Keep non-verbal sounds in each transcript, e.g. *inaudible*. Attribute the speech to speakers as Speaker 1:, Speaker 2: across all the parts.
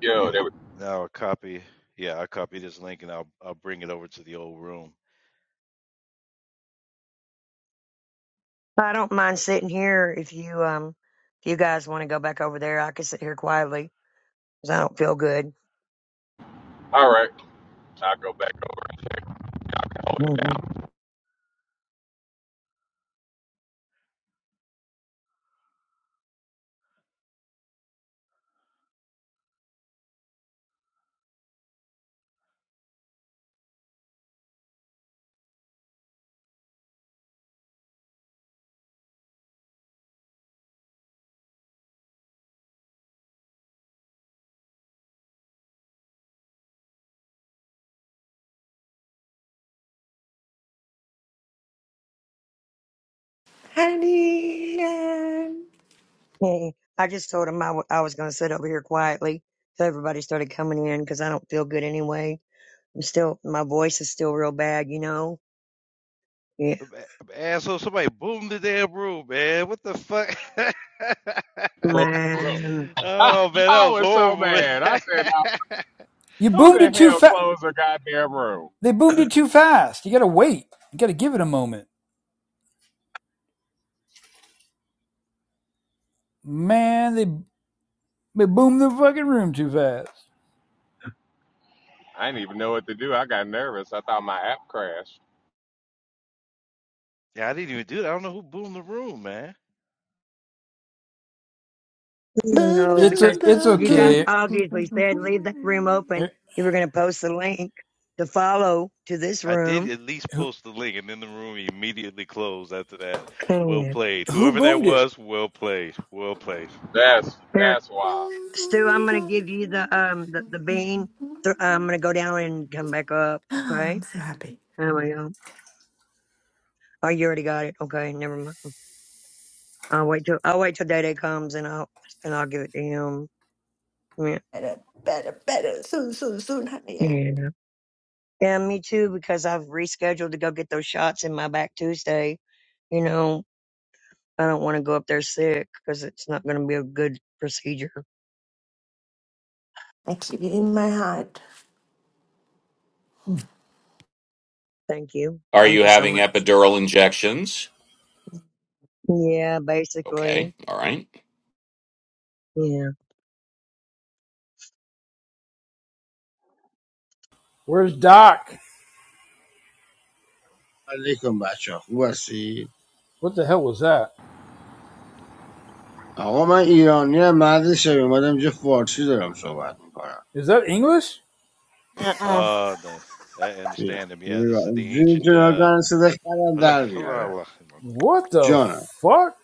Speaker 1: Yo, they
Speaker 2: Yeah.
Speaker 1: were
Speaker 2: Now I copy. Yeah, I copy this link and I'll I'll bring it over to the old room.
Speaker 3: I don't mind sitting here if you um if you guys want to go back over there. I can sit here quietly because I don't feel good.
Speaker 1: all right. I go back over and check out in
Speaker 3: hmm
Speaker 4: Honey, I'm
Speaker 3: I just told him I w- I was going to sit over here quietly, so everybody started coming in because I don't feel good anyway. I'm still my voice is still real bad, you know. Yeah,
Speaker 2: Uh, ba- Asshole! Somebody boomed the damn room, man. What the fuck? *laughs*
Speaker 1: that closed the room.
Speaker 3: man.
Speaker 1: *laughs*
Speaker 2: oh man, that
Speaker 1: I,
Speaker 2: was
Speaker 1: was so
Speaker 2: horrible. Man.
Speaker 1: mad. I said, now,
Speaker 2: *laughs*
Speaker 5: You
Speaker 1: who
Speaker 5: boomed
Speaker 1: the
Speaker 5: it too
Speaker 1: hell
Speaker 5: fast.
Speaker 1: closed the goddamn room?
Speaker 5: They boomed it too fast. You gotta wait. You gotta give it a moment. Man, they they boomed the fucking room too fast.
Speaker 1: I didn't even know what to do. I got nervous. I thought my app crashed.
Speaker 2: yeah, I didn't even do that. I don't know who boomed the room, man.
Speaker 3: You
Speaker 4: boom,
Speaker 3: know
Speaker 5: It's a
Speaker 4: boom,
Speaker 3: because
Speaker 5: it's
Speaker 3: you guys
Speaker 5: okay.
Speaker 4: boom,
Speaker 3: obviously said leave that room
Speaker 4: boom.
Speaker 5: Eh,
Speaker 3: open. You were going to post the link to follow to this
Speaker 2: I did
Speaker 3: room.
Speaker 2: at least
Speaker 5: Who
Speaker 2: post the link, and then the room immediately closed after that. Well
Speaker 3: Yeah.
Speaker 2: played,
Speaker 5: who
Speaker 2: whoever that
Speaker 5: boomed it?
Speaker 2: was. Well played, well played.
Speaker 1: That's that's why.
Speaker 3: Stu, I'm gonna give you the um the, the bean. Th- I'm gonna go down and come back up.
Speaker 4: Ah,
Speaker 3: Okay.
Speaker 4: I'm so happy.
Speaker 3: There we go. Oh, you already got it. Okay, never mind. I'll wait till I'll wait till Day Day comes and I'll and I'll give it to him. Yeah.
Speaker 4: Better, better, better. Soon, soon, soon, honey.
Speaker 3: Yeah. Yeah, me too, because I've rescheduled to go get those shots in my back Tuesday. You know, I don't want to go up there sick because it's not going to be a good procedure.
Speaker 4: I keep you in my heart.
Speaker 3: Thank you.
Speaker 6: Are you
Speaker 3: Thank you so
Speaker 6: having
Speaker 3: much.
Speaker 6: epidural injections?
Speaker 3: Yeah,
Speaker 6: Okay,
Speaker 3: basically.
Speaker 6: all right.
Speaker 3: Yeah.
Speaker 5: Where's Doc?
Speaker 7: علیکم بچه ها خوب هستی؟
Speaker 5: What the hell was that?
Speaker 7: آقا من ایرانی هم مرد شبیه اومدم اینجا فارسی دارم صحبت میکنم
Speaker 5: Is that English?
Speaker 8: Uh-uh.
Speaker 2: Uh, the, I
Speaker 7: میره
Speaker 2: understand him. Yeah,
Speaker 7: میره
Speaker 2: this is the
Speaker 7: جون
Speaker 2: ancient.
Speaker 7: جون ها
Speaker 2: Uh,
Speaker 7: کنن صدا خرم در میاره
Speaker 2: *laughs*
Speaker 5: What the
Speaker 7: جانم
Speaker 5: fuck?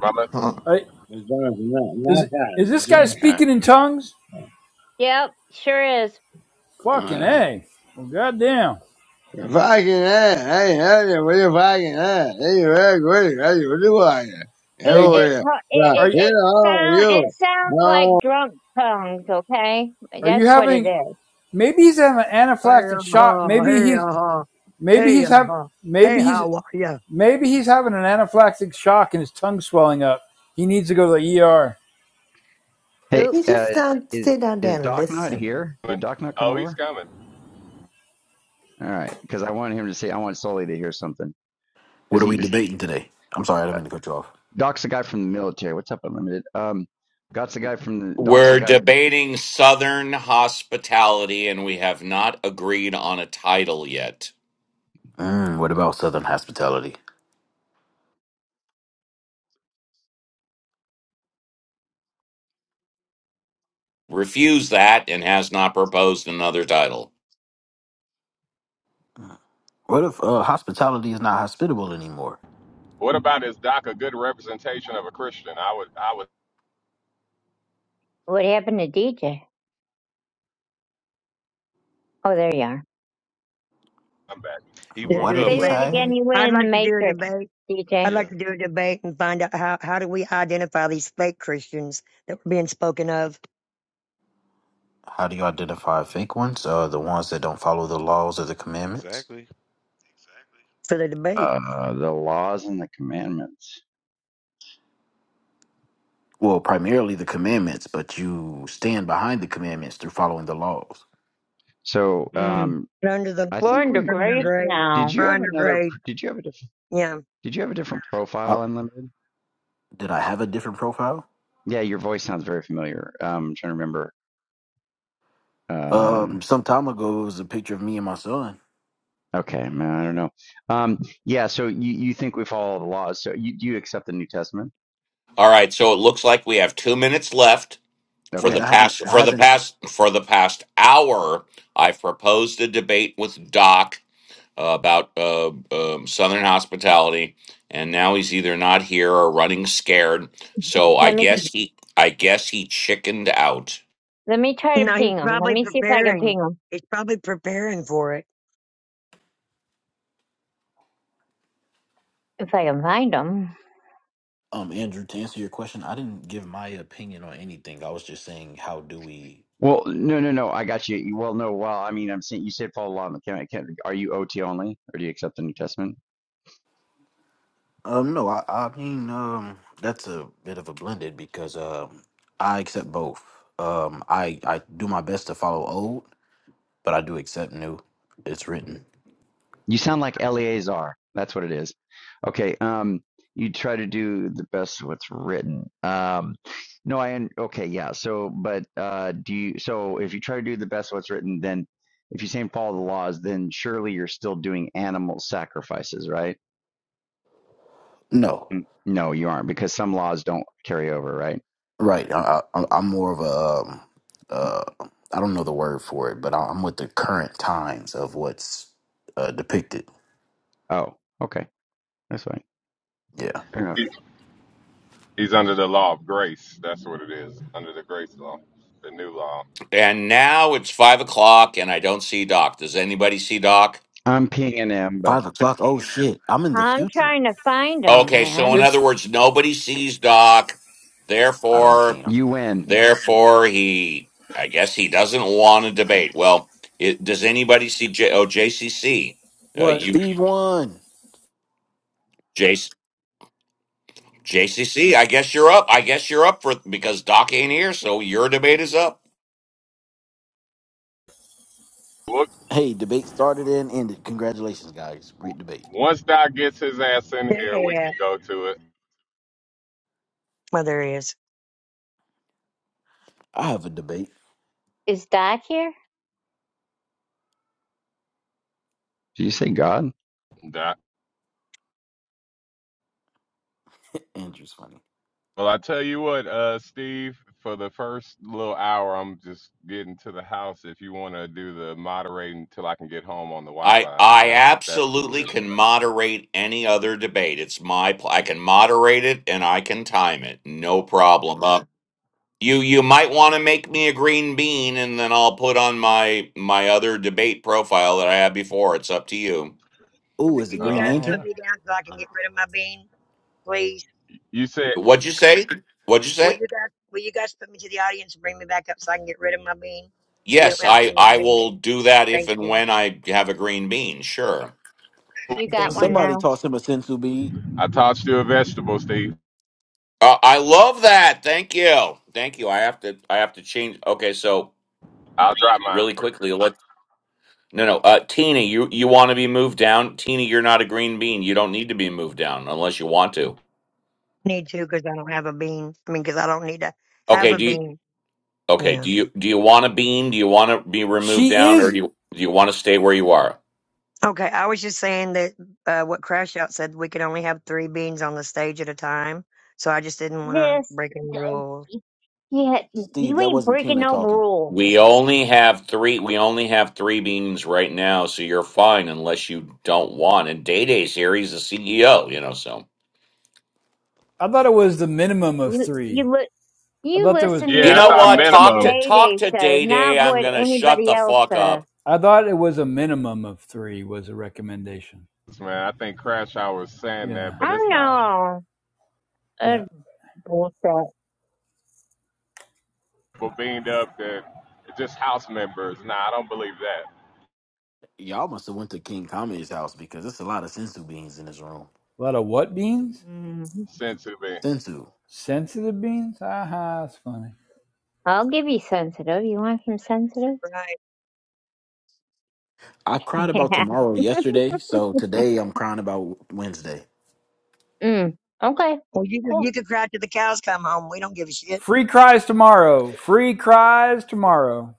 Speaker 1: Mama,
Speaker 5: I,
Speaker 7: جانم نه نه
Speaker 5: is is
Speaker 7: فرد
Speaker 5: this guy
Speaker 7: جان خرم.
Speaker 5: speaking in tongues?
Speaker 8: Yep, sure is.
Speaker 5: Fucking
Speaker 7: آره
Speaker 5: a. Well, goddamn.
Speaker 7: فاگی نه هی هی ولی فاگن نه هی ولی گوی هی ولی فاگن هی
Speaker 5: Hey,
Speaker 8: It
Speaker 5: d-
Speaker 8: it
Speaker 7: ولی
Speaker 8: co- it
Speaker 7: Yeah,
Speaker 5: are
Speaker 8: it,
Speaker 5: y-
Speaker 7: here
Speaker 8: it
Speaker 7: I are
Speaker 8: sound
Speaker 7: you.
Speaker 8: it sounds like drunk tongues. Okay,
Speaker 5: are you
Speaker 8: that's what it
Speaker 5: having?
Speaker 8: is.
Speaker 5: Maybe he's having an
Speaker 3: Hey,
Speaker 5: anaphylactic shock.
Speaker 3: uh,
Speaker 5: Maybe
Speaker 3: hey,
Speaker 5: he's
Speaker 3: uh,
Speaker 5: maybe
Speaker 3: hey,
Speaker 5: he's have
Speaker 3: uh, hey,
Speaker 5: maybe he's
Speaker 3: how are you?
Speaker 5: Maybe he's having an anaphylactic shock and his tongue's swelling up. He needs to go to the ER.
Speaker 9: Hey,
Speaker 4: You
Speaker 8: Oops,
Speaker 9: uh,
Speaker 4: just don't
Speaker 9: is
Speaker 4: stay down
Speaker 9: is
Speaker 4: there and
Speaker 9: Doc not
Speaker 4: listen.
Speaker 9: here? Did Doc not come
Speaker 1: oh, he's
Speaker 9: over?
Speaker 1: coming.
Speaker 9: All right, because I wanted him to say I want Sully to hear something because
Speaker 10: What are
Speaker 9: he
Speaker 10: we
Speaker 9: he-
Speaker 10: debating today? I'm sorry, I didn't mean to cut you off.
Speaker 9: Doc's the guy from the military. What's up, Unlimited? Um, Doc's the guy from the Doc's the
Speaker 6: We're
Speaker 9: guy from
Speaker 6: debating Southern hospitality and we have not agreed on a title yet.
Speaker 10: Mm, what about Southern hospitality?
Speaker 6: Refuse that and has not proposed another title.
Speaker 10: What if uh, hospitality is not hospitable anymore?
Speaker 1: What about is Doc a good representation of a Christian? I would I would
Speaker 8: what happened to DJ? Oh, there you are.
Speaker 1: come back.
Speaker 2: He
Speaker 3: To
Speaker 10: What
Speaker 2: broke
Speaker 3: do a
Speaker 10: did
Speaker 2: up.
Speaker 10: he
Speaker 8: Say
Speaker 2: Well,
Speaker 8: that
Speaker 3: debate.
Speaker 8: again.
Speaker 10: say?
Speaker 8: You went
Speaker 3: I'd
Speaker 8: in the
Speaker 3: like to do a
Speaker 8: matrix,
Speaker 3: debate. I'd
Speaker 8: DJ.
Speaker 3: like
Speaker 2: yeah,
Speaker 3: to do a debate and find out how, how do we identify these fake Christians that were being spoken of
Speaker 10: How do you identify fake ones? Uh, the ones that don't follow the laws or the commandments?
Speaker 2: exactly.
Speaker 3: for the debate?
Speaker 9: uh, the laws and the commandments.
Speaker 10: Well, primarily the commandments, but you stand behind the commandments through following the laws.
Speaker 9: So
Speaker 8: Mm.
Speaker 9: um,
Speaker 3: We're under the,
Speaker 9: I
Speaker 8: We're
Speaker 9: think
Speaker 8: under
Speaker 9: we
Speaker 3: we're under
Speaker 8: grace
Speaker 9: did.
Speaker 3: grade.
Speaker 9: Did
Speaker 8: now.
Speaker 3: We're
Speaker 9: you have
Speaker 3: under
Speaker 9: another?
Speaker 3: grade.
Speaker 9: pr- Did you have a different?
Speaker 3: Yeah.
Speaker 9: Did you have a different
Speaker 10: I,
Speaker 9: profile, Unlimited?
Speaker 10: did I have a different profile?
Speaker 9: Yeah, your voice sounds very familiar. Um, I'm trying to remember. um,
Speaker 10: Um, some time ago, it was a picture of me and my son.
Speaker 9: Okay, man, I don't know. Um, yeah, so you, you think we follow the laws. So you do you accept the New Testament?
Speaker 6: All right, so it looks like we have 2 minutes left for
Speaker 10: Wait,
Speaker 6: the
Speaker 9: Okay.
Speaker 10: I haven't,
Speaker 6: past
Speaker 10: I
Speaker 6: for the
Speaker 10: haven't.
Speaker 6: past for the past hour I've proposed a debate with Doc uh, about uh, um, Southern hospitality, and now he's either not here or running scared. So I
Speaker 8: Let me
Speaker 6: guess he, I guess he chickened out.
Speaker 8: let me try to
Speaker 3: No, he's
Speaker 8: ping him. Let
Speaker 3: probably
Speaker 8: me see if I can
Speaker 3: preparing.
Speaker 8: ping him.
Speaker 3: He's probably preparing for it.
Speaker 8: If I can find him.
Speaker 10: Um, Andrew, to answer your question, I didn't give my opinion on anything. I was just saying, how do we
Speaker 9: Well, no, no, no, I got you. You- Well, no, well, I mean, I'm saying you said follow the law. but Can I, can, are you OT only or do you accept the New Testament?
Speaker 10: Um, no, I, I mean, um, that's a bit of a blended because um, I accept both. Um, I I do my best to follow old, but I do accept new. It's written.
Speaker 9: You sound like Eleazar. That's what it is. Okay. Um, you try to do the best of what's written. Um, no, I okay, yeah. So, but uh, do you? So, if you try to do the best of what's written, then if you say follow the laws, then surely you're still doing animal sacrifices, right?
Speaker 10: No,
Speaker 9: Mm, No, you aren't, because some laws don't carry over, right?
Speaker 10: right. I, I, I'm more of a um,
Speaker 9: Mhm.
Speaker 10: uh, I don't know the word for it, but I'm with the current times of what's uh, depicted.
Speaker 9: Oh, okay, that's fine.
Speaker 10: Yeah,
Speaker 9: Fair enough.
Speaker 1: He, he's under the law of grace. That's what it is. Under the grace law, the new law.
Speaker 6: And now it's five o'clock, and I don't see Doc. Does anybody see Doc?
Speaker 9: I'm P and M, but
Speaker 10: five o'clock. Oh shit, I'm in the
Speaker 8: I'm
Speaker 10: future.
Speaker 8: trying to find him,
Speaker 6: Okay, so in
Speaker 8: man.
Speaker 5: It's
Speaker 6: other words, nobody sees Doc.
Speaker 10: I don't see
Speaker 6: Therefore,
Speaker 10: him.
Speaker 9: you win.
Speaker 6: therefore, he, I guess he doesn't want to debate. Well, it, does anybody see J? Oh, JCC. Uh,
Speaker 5: what?
Speaker 6: you,
Speaker 10: Steve won.
Speaker 6: J. JCC, I guess you're up. I guess you're up for because Doc ain't here, so your debate is up.
Speaker 1: Look,
Speaker 10: Hey, debate started and ended. Congratulations, guys. Great debate.
Speaker 1: once Doc gets his ass in
Speaker 3: Yeah.
Speaker 1: here,
Speaker 3: yeah,
Speaker 1: we
Speaker 3: yeah.
Speaker 1: can go to it.
Speaker 3: Well, there he is.
Speaker 10: I have a debate.
Speaker 8: Is Doc here?
Speaker 9: Did you say God?
Speaker 1: Doc.
Speaker 10: Andrew's funny.
Speaker 1: Well, I tell you what, uh, Steve, for the first little hour, I'm just getting to the house. If you want to do the moderating till I can get home on the
Speaker 6: I
Speaker 1: Wi-Fi,
Speaker 6: I
Speaker 1: that if that's cool with
Speaker 6: absolutely
Speaker 1: it.
Speaker 6: can moderate any other debate. It's my pl- I can moderate it and I can time it. No problem. Uh, you you might want to make me a green bean and then I'll put on my my other debate profile that I had before. It's up to you.
Speaker 3: All
Speaker 10: Ooh,
Speaker 3: right,
Speaker 10: is it
Speaker 3: can you
Speaker 10: Green
Speaker 3: guys
Speaker 1: Oh,
Speaker 3: put
Speaker 10: Lantern?
Speaker 3: me down so I can get rid of my bean, please?
Speaker 1: You said
Speaker 6: What'd you say? What'd you
Speaker 3: Will
Speaker 6: say?
Speaker 3: you guys will you guys put me to the audience and bring me back up so I can get rid of my bean? So we
Speaker 6: Yes,
Speaker 3: don't have
Speaker 6: I
Speaker 3: too many
Speaker 6: I
Speaker 3: beans.
Speaker 6: will do that if
Speaker 3: Thank
Speaker 6: and
Speaker 3: you.
Speaker 6: when I have a green bean. Sure.
Speaker 8: You
Speaker 10: *laughs*
Speaker 8: got
Speaker 3: Thank
Speaker 8: one
Speaker 3: you.
Speaker 10: Somebody
Speaker 8: now.
Speaker 10: tossed him a sensu bead.
Speaker 1: I tossed you a vegetable, Steve.
Speaker 6: Uh, I love that. Thank you. Thank you. I have to. I have to change. Okay, so
Speaker 1: I'll drop my.
Speaker 6: really quickly, let no no. Uh, Tina, you you want to be moved down? Tina, you're not a green bean. You don't need to be moved down unless you want to.
Speaker 3: Need to because I don't have a bean. I mean, because I don't need to have
Speaker 6: Okay.
Speaker 3: a
Speaker 6: Do you?
Speaker 3: bean.
Speaker 6: Okay.
Speaker 3: Yeah.
Speaker 6: Do you do you want a bean? Do you want to be removed
Speaker 5: She
Speaker 6: down, or
Speaker 5: is.
Speaker 6: do you do you want to stay where you are?
Speaker 3: Okay. I was just saying that uh, what Crash Out said, we could only have three beans on the stage at a time. So I just didn't want to
Speaker 8: Yes.
Speaker 3: break any rules.
Speaker 8: Yeah,
Speaker 10: Steve,
Speaker 8: you
Speaker 10: that
Speaker 8: ain't
Speaker 10: wasn't
Speaker 8: breaking
Speaker 10: Tina
Speaker 8: no
Speaker 10: talking.
Speaker 8: rules.
Speaker 6: We only have three. We only have three beans right now, so you're fine unless you don't want. And Day Day's here. He's the CEO. You know so.
Speaker 5: I thought it was the minimum of
Speaker 8: You you
Speaker 5: three.
Speaker 8: li-
Speaker 5: I
Speaker 8: you
Speaker 5: thought there was.
Speaker 8: listen to
Speaker 6: You
Speaker 1: Yeah, I
Speaker 6: know
Speaker 1: thought
Speaker 6: what?
Speaker 8: what
Speaker 6: Talk
Speaker 1: minimum.
Speaker 6: to
Speaker 8: Day
Speaker 6: talk
Speaker 8: Day
Speaker 6: to
Speaker 8: says,
Speaker 6: Day Day.
Speaker 8: not
Speaker 6: I'm
Speaker 8: what
Speaker 6: gonna shut
Speaker 8: anybody
Speaker 6: the
Speaker 8: else
Speaker 6: fuck
Speaker 8: says.
Speaker 6: up.
Speaker 5: I thought it was a minimum of three was a recommendation.
Speaker 1: Man, I think Crash Hour was saying
Speaker 5: Yeah.
Speaker 1: that, but
Speaker 8: I
Speaker 1: it's not.
Speaker 8: know.
Speaker 5: Yeah.
Speaker 8: That's bullshit.
Speaker 1: People beamed up that it's just house members. Nah, I don't believe that.
Speaker 10: Y'all must have went to King Kami's house because there's a lot of sensu beans in his room.
Speaker 5: A lot of what beans?
Speaker 8: Mm.
Speaker 1: Since it been
Speaker 10: Sensu.
Speaker 5: Sensitive beans? Aha, that's funny.
Speaker 8: I'll give you sensitive. You want some sensitive?
Speaker 3: Right.
Speaker 10: I
Speaker 8: *laughs*
Speaker 10: cried about
Speaker 8: Yeah.
Speaker 10: tomorrow yesterday, so today I'm crying about Wednesday.
Speaker 8: Mm. Okay.
Speaker 3: Well, you could,
Speaker 8: Cool.
Speaker 3: you could cry till the cows come home. We don't give a shit.
Speaker 5: Free cries tomorrow. Free cries tomorrow.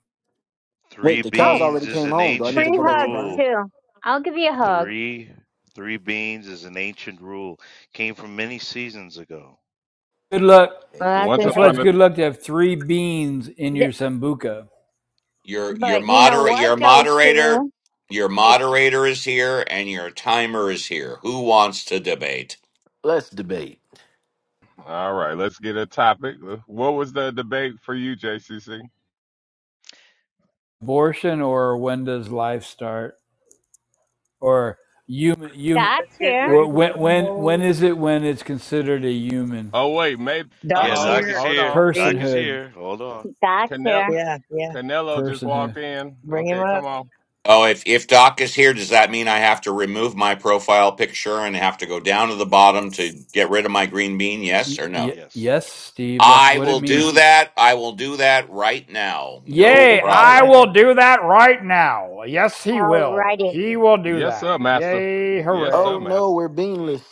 Speaker 2: Three
Speaker 10: Wait, the cows
Speaker 8: Oh,
Speaker 2: beans
Speaker 10: already
Speaker 2: is
Speaker 10: came
Speaker 2: an
Speaker 10: home. Do I need to
Speaker 8: free
Speaker 2: ancient
Speaker 10: go back to
Speaker 8: hugs
Speaker 10: crying?
Speaker 2: rule.
Speaker 8: too. I'll give you a hug.
Speaker 2: Three, three beans is an ancient rule. Came from many seasons ago.
Speaker 5: Good luck.
Speaker 8: Well,
Speaker 10: Hey,
Speaker 8: that's
Speaker 1: once
Speaker 8: an
Speaker 5: That's why
Speaker 8: eight.
Speaker 5: it's
Speaker 1: upon a.
Speaker 5: good luck to have three beans in
Speaker 8: Th-
Speaker 5: your sambuca.
Speaker 6: Your your
Speaker 8: but you know
Speaker 6: moder
Speaker 8: what,
Speaker 6: your
Speaker 8: though,
Speaker 6: moderator
Speaker 8: Sue?
Speaker 6: your
Speaker 8: If
Speaker 6: moderator is here and your timer is here. Who wants to debate?
Speaker 10: let's debate.
Speaker 1: All right, let's get a topic. What was the debate for you, JCC?
Speaker 5: Abortion or when does life start? or human human
Speaker 3: Let's
Speaker 8: Doc's
Speaker 3: get
Speaker 8: here,
Speaker 5: or
Speaker 3: ready to
Speaker 5: when when when
Speaker 3: rumble.
Speaker 5: is it when it's considered a human
Speaker 1: Oh wait, maybe. Uh
Speaker 2: Yeah,
Speaker 3: Doc's
Speaker 10: Um,
Speaker 1: oh,
Speaker 2: Doc
Speaker 3: here.
Speaker 2: is
Speaker 1: hold
Speaker 2: here.
Speaker 1: on.
Speaker 2: Doc
Speaker 3: D.
Speaker 2: is
Speaker 5: personhood
Speaker 2: here. Hold on.
Speaker 8: Doc's
Speaker 1: Canelo,
Speaker 8: here.
Speaker 3: Yeah. Yeah.
Speaker 1: Canelo just
Speaker 5: personhood
Speaker 1: walked in.
Speaker 3: Bring him
Speaker 1: Okay, come
Speaker 3: up.
Speaker 1: on.
Speaker 6: Oh, if if Doc is here, does that mean I have to remove my profile picture and have to go down to the bottom to get rid of my green bean? Yes
Speaker 5: y-
Speaker 6: or
Speaker 5: y-
Speaker 6: no?
Speaker 2: Yes.
Speaker 5: yes steve that's
Speaker 6: I
Speaker 5: what it
Speaker 6: will
Speaker 5: means
Speaker 6: do that. I will do that right now.
Speaker 5: yeah
Speaker 6: No problem.
Speaker 3: *laughs*
Speaker 5: Right?
Speaker 8: Alrighty.
Speaker 1: Yes,
Speaker 5: That.
Speaker 1: sir, master. Yes,
Speaker 10: oh
Speaker 1: sir,
Speaker 10: no,
Speaker 1: master.
Speaker 10: we're beanless.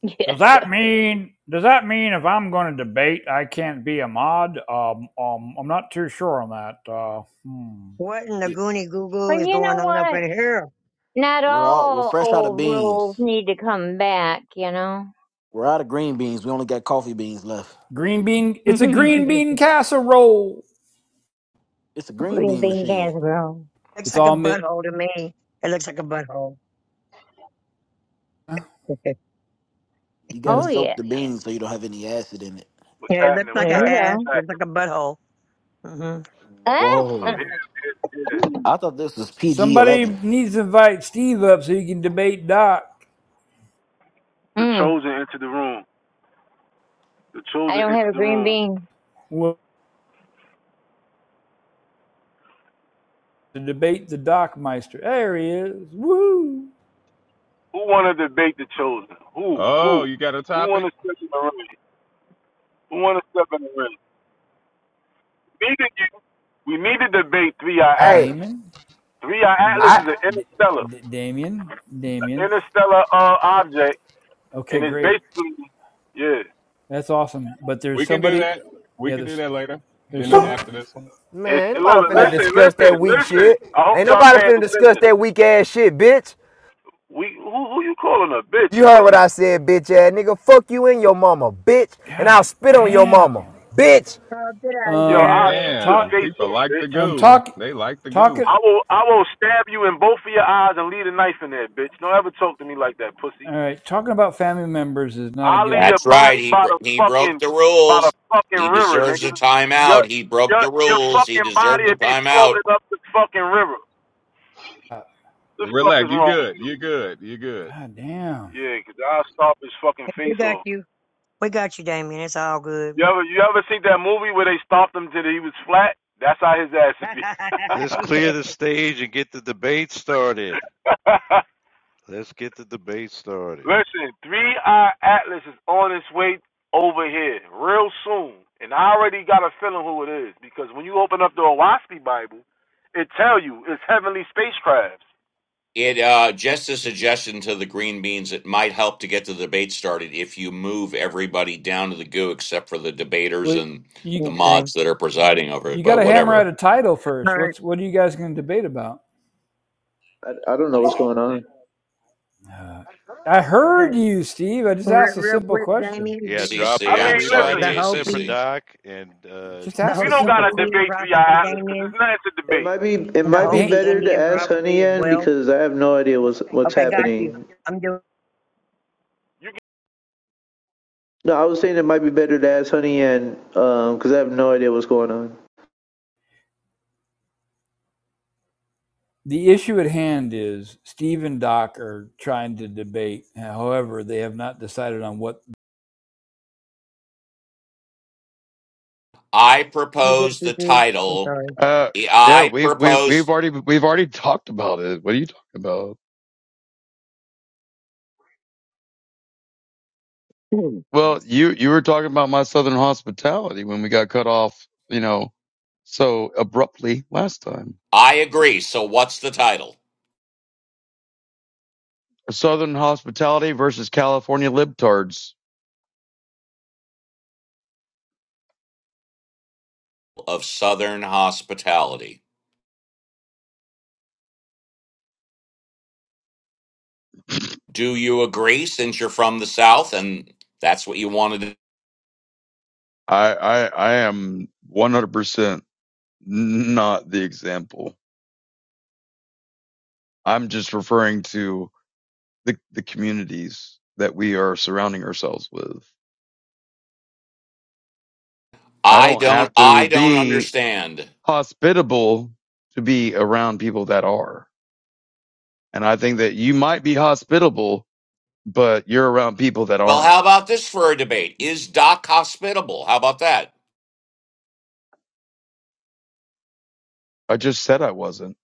Speaker 8: *laughs*
Speaker 5: Does
Speaker 8: Yes.
Speaker 5: that mean does that mean if I'm going to debate I can't be a mod? Um, um I'm not too sure on that. Uh, hmm.
Speaker 3: What in the goony goo goo
Speaker 8: But
Speaker 3: is
Speaker 8: you
Speaker 3: going
Speaker 8: know
Speaker 3: on up
Speaker 8: what?
Speaker 3: in here?
Speaker 8: Not
Speaker 10: We're all we're
Speaker 8: all
Speaker 10: fresh out of
Speaker 8: old rules
Speaker 10: beans.
Speaker 8: need to come back, you know?
Speaker 10: We're out of green beans. We only got coffee beans left.
Speaker 5: green bean
Speaker 8: *laughs*
Speaker 5: it's a green
Speaker 8: Green
Speaker 5: bean casserole
Speaker 10: It's a green bean
Speaker 8: bean
Speaker 10: machine.
Speaker 8: casserole.
Speaker 3: Looks
Speaker 5: it's
Speaker 3: like a
Speaker 5: all mi-
Speaker 3: butthole to me. It looks like a butthole. *laughs* yeah,
Speaker 10: You gotta
Speaker 8: Oh,
Speaker 10: soak
Speaker 8: yeah.
Speaker 10: the beans so you don't have any acid in it.
Speaker 11: What's
Speaker 3: it looks
Speaker 11: happening?
Speaker 3: like
Speaker 8: There
Speaker 11: What's
Speaker 3: an
Speaker 8: you
Speaker 11: happening?
Speaker 3: ass.
Speaker 11: What's
Speaker 8: go.
Speaker 3: Looks
Speaker 11: happening?
Speaker 3: like a butthole. mm hmm
Speaker 8: Ah!
Speaker 11: I'm here.
Speaker 10: Whoa.
Speaker 11: I'm here. I'm here.
Speaker 8: *laughs*
Speaker 10: I thought this was PG
Speaker 5: somebody
Speaker 10: 11.
Speaker 5: needs to invite steve up so he can debate doc
Speaker 11: The
Speaker 8: mm,
Speaker 11: chosen entered the room. The
Speaker 8: I
Speaker 11: chosen
Speaker 8: don't have
Speaker 11: entered
Speaker 8: a
Speaker 11: the
Speaker 8: green
Speaker 11: room.
Speaker 8: bean.
Speaker 5: Well, to debate the Dockmeister. There he is. Woo!
Speaker 11: Who want to debate the chosen? Who?
Speaker 1: Oh,
Speaker 11: Who?
Speaker 1: you got a
Speaker 11: Who want
Speaker 1: topic?
Speaker 11: to step in the ring? Who want to step in the ring? We need to, we need to debate 3i
Speaker 12: Hey,
Speaker 11: Atlas.
Speaker 5: Damon?
Speaker 11: 3i
Speaker 5: Da-
Speaker 11: Atlas
Speaker 12: I
Speaker 11: is an
Speaker 5: Da-
Speaker 11: interstellar,
Speaker 5: Da- Damien?
Speaker 11: an
Speaker 5: Damien.
Speaker 11: interstellar uh, object,
Speaker 5: Okay,
Speaker 11: and it's
Speaker 5: great.
Speaker 11: basically, yeah.
Speaker 5: That's awesome. But there's
Speaker 1: We can do
Speaker 5: somebody.
Speaker 1: that. We
Speaker 5: Yeah,
Speaker 1: can do
Speaker 5: there's
Speaker 1: that later.
Speaker 5: there's
Speaker 1: In the,
Speaker 5: some.
Speaker 1: after this one.
Speaker 11: It's
Speaker 12: man, ain't
Speaker 11: look,
Speaker 12: nobody finna
Speaker 11: listen,
Speaker 12: discuss
Speaker 11: listen,
Speaker 12: that weak
Speaker 11: listen.
Speaker 12: shit.
Speaker 11: I hope
Speaker 12: Ain't
Speaker 11: y'all
Speaker 12: nobody
Speaker 11: paying
Speaker 12: finna discuss
Speaker 11: attention.
Speaker 12: that weak ass shit, bitch.
Speaker 11: We who who you calling a bitch,
Speaker 12: You heard what I
Speaker 11: pussy?
Speaker 12: said, bitch ass nigga. Fuck you and your mama, bitch. And I'll
Speaker 5: God
Speaker 12: spit on your
Speaker 5: damn.
Speaker 12: mama, bitch.
Speaker 3: Oh, get out of
Speaker 11: Yo,
Speaker 5: Um,
Speaker 11: I'll
Speaker 3: here.
Speaker 11: shoot your
Speaker 5: talk.
Speaker 1: Damn,
Speaker 11: face
Speaker 1: people
Speaker 11: off,
Speaker 1: like the
Speaker 11: bitch.
Speaker 5: Um,
Speaker 1: goo.
Speaker 5: talk.
Speaker 1: They like the
Speaker 5: Talk
Speaker 1: goo.
Speaker 5: it.
Speaker 11: I will I will stab you in both of your eyes and leave a knife in there, bitch. Don't ever talk to me like that, pussy.
Speaker 5: All right. Talking about family members is not a
Speaker 11: I'll leave
Speaker 5: good.
Speaker 11: your
Speaker 6: That's right.
Speaker 11: body
Speaker 6: He
Speaker 11: by
Speaker 6: bro-
Speaker 11: the
Speaker 6: he broke
Speaker 11: fucking
Speaker 6: the
Speaker 11: by
Speaker 6: rules.
Speaker 11: the fucking
Speaker 6: He
Speaker 11: river,
Speaker 6: deserves
Speaker 11: nigga.
Speaker 6: a
Speaker 11: Your
Speaker 6: timeout. He broke
Speaker 11: your
Speaker 6: the
Speaker 11: your
Speaker 6: rules. He
Speaker 11: fucking body
Speaker 6: deserves a
Speaker 11: will be
Speaker 6: timeout.
Speaker 11: floating up the fucking river. What The fuck is
Speaker 1: Relax. You
Speaker 11: wrong with
Speaker 1: good?
Speaker 11: you?
Speaker 1: You good? You good?
Speaker 5: God damn.
Speaker 11: Yeah, 'cause I'll stomp his fucking
Speaker 3: We
Speaker 11: face
Speaker 3: got
Speaker 11: off.
Speaker 3: you. We got you, Damien. It's all good.
Speaker 11: You ever you ever seen that movie where they stomped him till he was flat? That's how his ass would
Speaker 3: *laughs*
Speaker 11: be.
Speaker 2: Let's clear the stage and get the debate started.
Speaker 11: *laughs*
Speaker 2: Let's get the debate started.
Speaker 11: Listen, 3i Atlas is on its way over here real soon. And I already got a feeling who it is because when you open up the Owaski Bible, it tell you it's heavenly spacecrafts.
Speaker 6: It uh, just a suggestion to the green beans. It might help to get the debate started if you move everybody down to the goo, except for the debaters
Speaker 5: Well,
Speaker 6: and
Speaker 5: you
Speaker 3: Yeah.
Speaker 6: the
Speaker 3: Okay.
Speaker 6: mods that are presiding over it.
Speaker 5: you got
Speaker 6: But
Speaker 3: All
Speaker 5: to hammer out
Speaker 6: whatever.
Speaker 5: a title first.
Speaker 3: right.
Speaker 5: What's what are you guys going to debate about?
Speaker 13: I, I don't know what's going on.
Speaker 5: Uh, I
Speaker 3: Okay.
Speaker 5: heard you, Steve. I just
Speaker 3: Real,
Speaker 5: asked a
Speaker 3: real
Speaker 5: simple
Speaker 3: quick,
Speaker 5: question.
Speaker 3: Damien,
Speaker 2: Yeah,
Speaker 3: the,
Speaker 6: C
Speaker 3: the,
Speaker 2: drop
Speaker 11: I
Speaker 6: am
Speaker 11: mean,
Speaker 3: the,
Speaker 6: sorry,
Speaker 11: listen,
Speaker 2: everybody
Speaker 3: the
Speaker 6: J C
Speaker 2: except for
Speaker 3: Hopi,
Speaker 6: C.
Speaker 2: Doc and uh,
Speaker 5: Just
Speaker 3: the
Speaker 5: ask
Speaker 11: we
Speaker 5: a
Speaker 11: don't
Speaker 3: Hopi
Speaker 11: got
Speaker 5: simple
Speaker 11: to
Speaker 5: question.
Speaker 3: Indian
Speaker 11: debate 3i
Speaker 3: prophecy,
Speaker 11: Atlas because
Speaker 3: Damien,
Speaker 11: it's not a
Speaker 13: It
Speaker 11: debate.
Speaker 13: might be it
Speaker 3: the
Speaker 13: might be
Speaker 3: Hopi
Speaker 13: better to
Speaker 3: Indian
Speaker 13: ask
Speaker 3: prophecy
Speaker 13: Honey
Speaker 3: as
Speaker 13: Yan
Speaker 3: well.
Speaker 13: because I have no idea what's what's
Speaker 3: Okay, got you.
Speaker 13: happening.
Speaker 3: I'm doing
Speaker 11: You
Speaker 13: No, I was saying it might be better to ask Honey Yan um because I have no idea what's going on.
Speaker 5: the issue at hand is Steve and Doc are trying to debate. However, they have not decided on what.
Speaker 6: I
Speaker 3: pretty
Speaker 6: propose the
Speaker 3: good, Cece. I'm
Speaker 6: title.
Speaker 3: sorry.
Speaker 14: Uh, yeah,
Speaker 6: I
Speaker 14: we we we've
Speaker 6: propose.
Speaker 14: already we've already talked about it. What are you talking about?
Speaker 3: Hmm.
Speaker 14: Well, you you were talking about my southern hospitality when we got cut off, you know, so abruptly last time.
Speaker 6: I agree. So what's the title
Speaker 14: Southern hospitality versus California libtards.
Speaker 6: of Southern Hospitality? Do you agree since you're from the South and that's what you wanted to
Speaker 14: I I I am 100% not the example. I'm just referring to the the communities that we are surrounding ourselves with. I
Speaker 6: I
Speaker 14: don't
Speaker 6: don't
Speaker 14: have to
Speaker 6: I don't
Speaker 14: be
Speaker 6: understand.
Speaker 14: hospitable to be around people that are. And I think that you might be hospitable, but you're around people that
Speaker 6: Well,
Speaker 14: aren't.
Speaker 6: how about this for a debate? Is Doc hospitable? How about that?
Speaker 14: I just said I wasn't.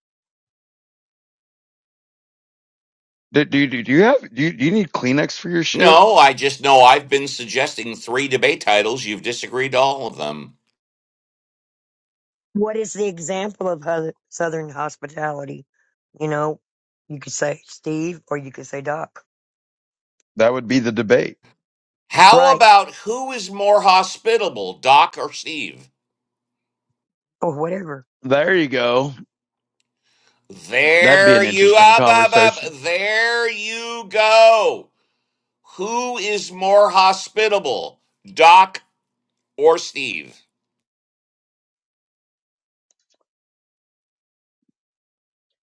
Speaker 14: Do, do, do, you have, do you, do you need Kleenex for your shit?
Speaker 6: No, I just know I've been suggesting three debate titles. You've disagreed to all of them.
Speaker 3: What is the example of hus- Southern hospitality? You know, you could say Steve or you could say Doc,
Speaker 14: That would be the debate.
Speaker 6: How
Speaker 3: right?
Speaker 6: about who is more hospitable, Doc or Steve?
Speaker 3: Or whatever.
Speaker 14: There you go. That'd be
Speaker 6: There
Speaker 14: an
Speaker 6: you
Speaker 14: interesting
Speaker 6: up, up, up.
Speaker 14: conversation.
Speaker 6: There you go. Who is more hospitable, Doc or Steve?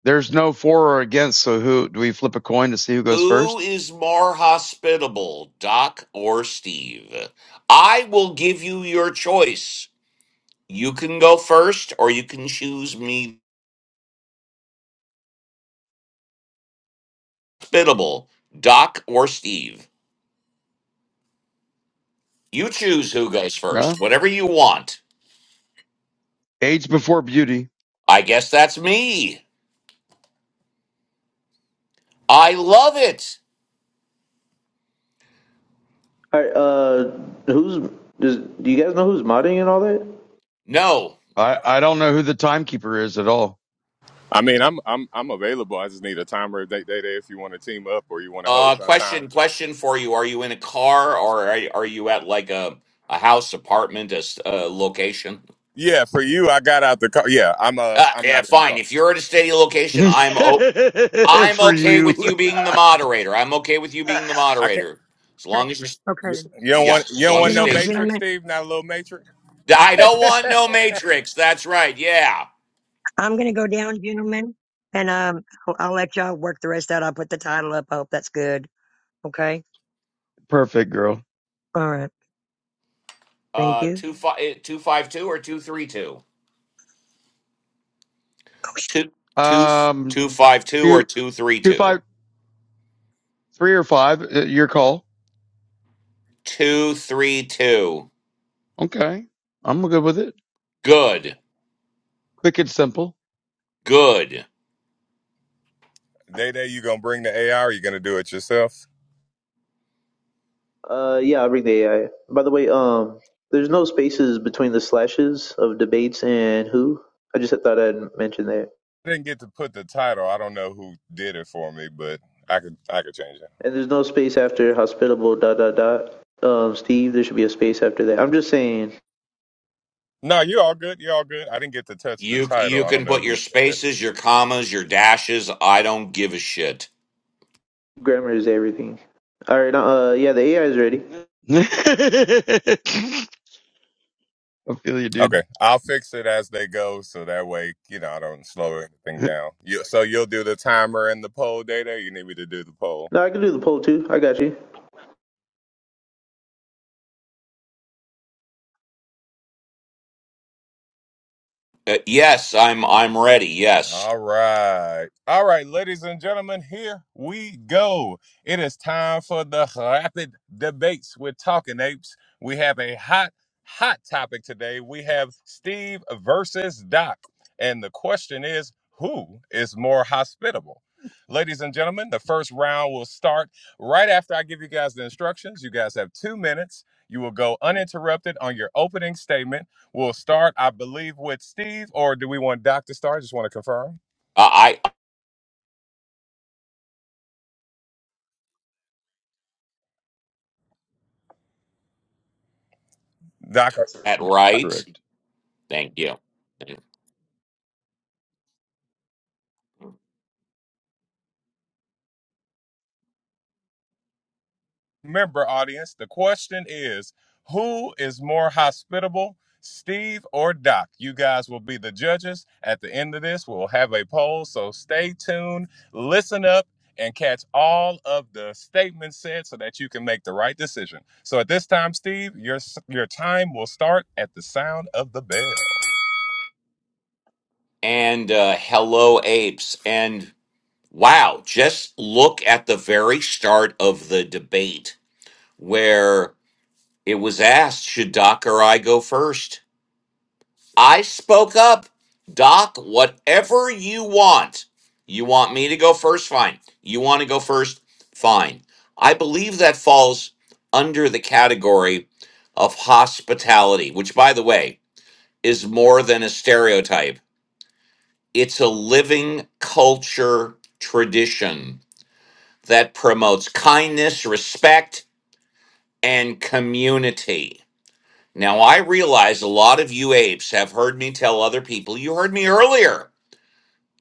Speaker 14: There's no for or against. So who do we flip a coin to see who goes
Speaker 6: Who
Speaker 14: first?
Speaker 6: is more hospitable, Doc or Steve? I will give you your choice. You can go first, or you can choose me hospitable, Doc or Steve. You choose who goes
Speaker 14: Yeah.
Speaker 6: first, whatever you want.
Speaker 14: Age before beauty.
Speaker 6: I guess that's me. I love it.
Speaker 13: All right, uh, who's does, do you guys know who's modding and all that?
Speaker 6: No.
Speaker 14: I, I don't know who the timekeeper is at all.
Speaker 1: I mean, I'm I'm I'm available. I just need a timer. Day day day. If you want to team up or you want to
Speaker 6: Uh,
Speaker 1: host our time.
Speaker 6: question, question for you: Are you in a car, or are, are you at like a a house, apartment, a, s- a location?
Speaker 1: Yeah, for you, I got out the car. Yeah, I'm uh
Speaker 6: Uh,
Speaker 1: I'm
Speaker 6: yeah,
Speaker 1: not in the
Speaker 6: fine.
Speaker 1: car.
Speaker 6: If you're at a steady
Speaker 14: *laughs*
Speaker 6: location, I'm open. I'm
Speaker 14: for
Speaker 6: okay
Speaker 14: you.
Speaker 6: with
Speaker 14: *laughs*
Speaker 6: you being the moderator. I'm okay with you being the
Speaker 1: I can't.
Speaker 6: moderator. As
Speaker 3: Okay.
Speaker 6: long as
Speaker 1: You,
Speaker 6: you're
Speaker 3: Okay.
Speaker 1: you don't
Speaker 6: yeah,
Speaker 1: want you
Speaker 6: as
Speaker 1: don't
Speaker 6: long as
Speaker 1: want
Speaker 6: you
Speaker 1: no
Speaker 3: Gentle-
Speaker 6: are stationary.
Speaker 1: Matrix,
Speaker 3: Gentlemen,
Speaker 1: Steve. Not a little Matrix.
Speaker 6: I don't want no matrix. That's right. Yeah.
Speaker 3: I'm going to go down, gentlemen, and um, I'll, I'll let y'all work the rest out. I'll put the title up. I hope that's good. Okay.
Speaker 14: Perfect girl.
Speaker 3: All right. Thank
Speaker 6: Uh
Speaker 3: you.
Speaker 6: two five two five two or two three two. Two two
Speaker 14: Um,
Speaker 6: two five two or
Speaker 14: Two,
Speaker 6: two three
Speaker 14: two,
Speaker 6: two.
Speaker 14: five, three or five. uh, Your call.
Speaker 6: Two three two.
Speaker 14: Okay, I'm good with it.
Speaker 6: Good.
Speaker 14: Quick and simple.
Speaker 6: Good.
Speaker 1: Day day, you gonna bring the AI? Or you gonna do it yourself?
Speaker 13: Uh, yeah, I'll bring the AI. By the way, um, there's no spaces between the slashes of debates and who. I just thought I'd mention that.
Speaker 1: I didn't get to put the title. I don't know who did it for me, but I could I could change it. Hold
Speaker 13: And
Speaker 1: on.
Speaker 13: there's no space after hospitable dot dot dot. Um, Steve, there should be a space after that. I'm just saying
Speaker 1: No, you all good. You all good. I didn't get to touch the
Speaker 6: You you
Speaker 1: title. I don't
Speaker 6: can
Speaker 1: know
Speaker 6: put
Speaker 1: who
Speaker 6: your
Speaker 1: said it.
Speaker 6: spaces, your commas, your dashes. I don't give a shit.
Speaker 13: Grammar is everything. All right. Uh, yeah, the AI is ready.
Speaker 14: *laughs* I feel you, dude.
Speaker 1: Okay, I'll fix it as they go, so that way you know I don't slow anything
Speaker 14: *laughs*
Speaker 1: down. You, so you'll do the timer and the poll, Day day. You need me to do the poll.
Speaker 13: No, I can do the poll too. I got you.
Speaker 6: Uh, yes, I'm I'm ready. Yes.
Speaker 1: All right. All right, ladies and gentlemen, here we go. It is time for the rapid debates with Talking Apes. We have a hot, hot topic today. We have Steve versus Doc. And the question is who is more hospitable? Ladies and gentlemen, the first round will start right after I give you guys the instructions. You guys have two minutes. You will go uninterrupted on your opening statement We'll start, I believe, with Steve, or do we want Dr. Star? I just want to confirm.
Speaker 6: Uh, I
Speaker 1: Doctor,
Speaker 6: at right.
Speaker 14: Correct.
Speaker 6: Thank you.
Speaker 1: remember, audience, the question is who is more hospitable, Steve or Doc? You guys will be the judges. At the end of this, we'll have a poll, so stay tuned, listen up, and catch all of the statements said so that you can make the right decision. So at this time, Steve, your, your time will start at the sound of the bell.
Speaker 6: And uh, hello, apes. And wow, just look at the very start of the debate where it was asked should Doc or I go first? I spoke up. Doc, whatever you want. You want me to go first? Fine. You want to go first? Fine. I believe that falls under the category of hospitality, which, by the way, is more than a stereotype It's a living culture tradition that promotes kindness, respect, and community. Now, I realize a lot of you apes have heard me tell other people, you heard me earlier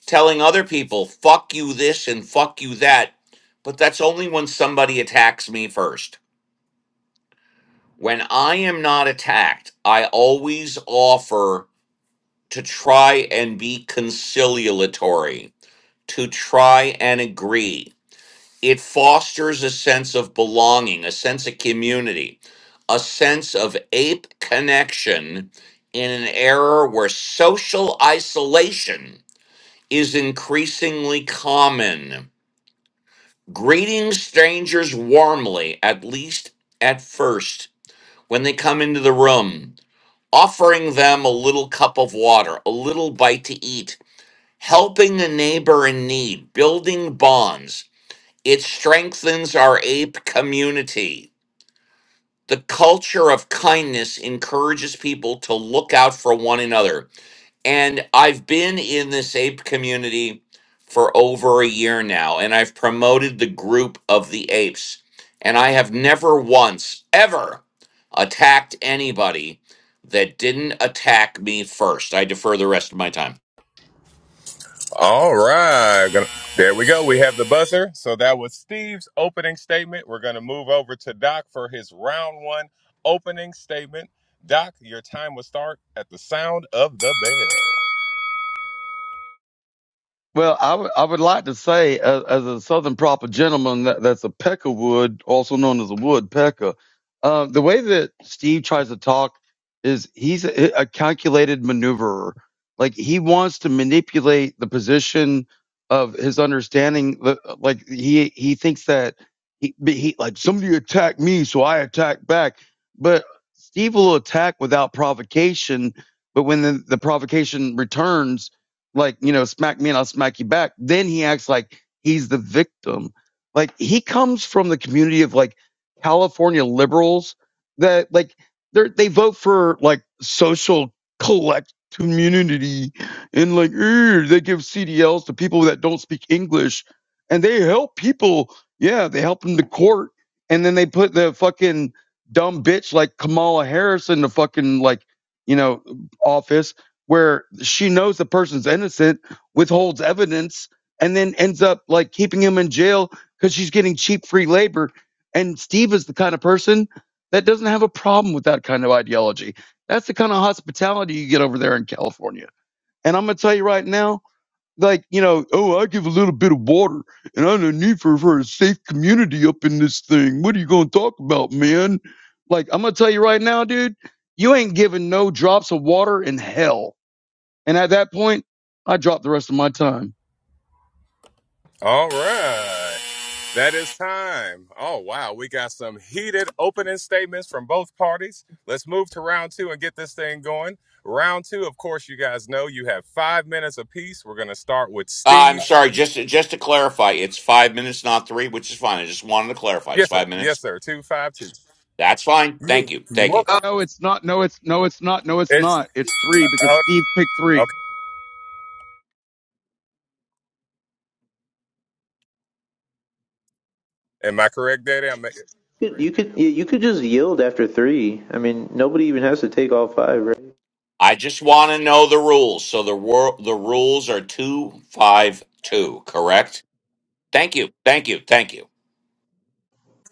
Speaker 6: telling other people, fuck you this and fuck you that, but that's only when somebody attacks me first. When I am not attacked, I always offer to try and be conciliatory, to try and agree it fosters a sense of belonging, a sense of community, a sense of ape connection in an era where social isolation is increasingly common. Greeting strangers warmly, at least at first, when they come into the room, offering them a little cup of water, a little bite to eat, helping a neighbor in need, building bonds it strengthens our ape community. The culture of kindness encourages people to look out for one another. And I've been in this ape community for over a year now, and I've promoted the group of the apes. And I have never once, ever attacked anybody that didn't attack me first. I defer the rest of my time.
Speaker 1: All right. Gonna- There we go. We have the buzzer. So that was Steve's opening statement. We're going to move over to Doc for his round one opening statement. Doc, your time will start at the sound of the bell.
Speaker 14: Well, I would I would like to say, as, as a Southern proper gentleman, that, that's a peckerwood, also known as a woodpecker. Uh, the way that Steve tries to talk is he's a, a calculated maneuverer. Like he wants to manipulate the position of his understanding. li- Like he he thinks that he, but he like somebody attacked me, so I attack back. But Steve will attack without provocation. But when the, the provocation returns, like you know smack me and i'll smack you back then he acts like he's the victim like he comes from the community of like california liberals that like they they vote for like social collect community and like "Ugh," they give cdls to people that don't speak english and they help people yeah they help them to court and then they put the fucking dumb bitch like kamala harris in the fucking like you know office where she knows the person's innocent, withholds evidence, and then ends up like keeping him in jail because she's getting cheap free labor. And Steve is the kind of person that doesn't have a problem with that kind of ideology. That's the kind of hospitality you get over there in California. And I'm gonna tell you right now, like you know, oh, I give a little bit of water, and I don't need for for a safe community up in this thing. What are you gonna talk about, man? Like I'm gonna tell you right now, dude, you ain't giving no drops of water in hell and at that point, I dropped the rest of my time.
Speaker 1: All right. That is time. Oh, wow. We got some heated opening statements from both parties. Let's move to round two and get this thing going. Round two, of course, you guys know you have five minutes apiece. We're going to start with
Speaker 6: Uh,
Speaker 1: Steve.
Speaker 6: I'm sorry, just just to clarify, it's five minutes, not three, which is fine. I just wanted to clarify. It's
Speaker 1: Yes, sir.
Speaker 6: five minutes.
Speaker 1: Yes, sir. Two, five, two.
Speaker 6: That's fine.
Speaker 1: You,
Speaker 6: Thank you.
Speaker 1: you're
Speaker 6: Thank you.
Speaker 1: welcome.
Speaker 14: Uh, No, it's not. No, it's no, it's not. No, it's
Speaker 1: It's
Speaker 14: not. It's three because
Speaker 1: oh,
Speaker 14: Steve picked three.
Speaker 1: okay. Am I correct, Daddy? I'm
Speaker 13: You could, you could, yeah, you could just yield after three. I mean, nobody even has to take all five, right?
Speaker 6: I just want to know the rules. So the wor- the rules are 252, correct? Thank you. Thank you. Thank you.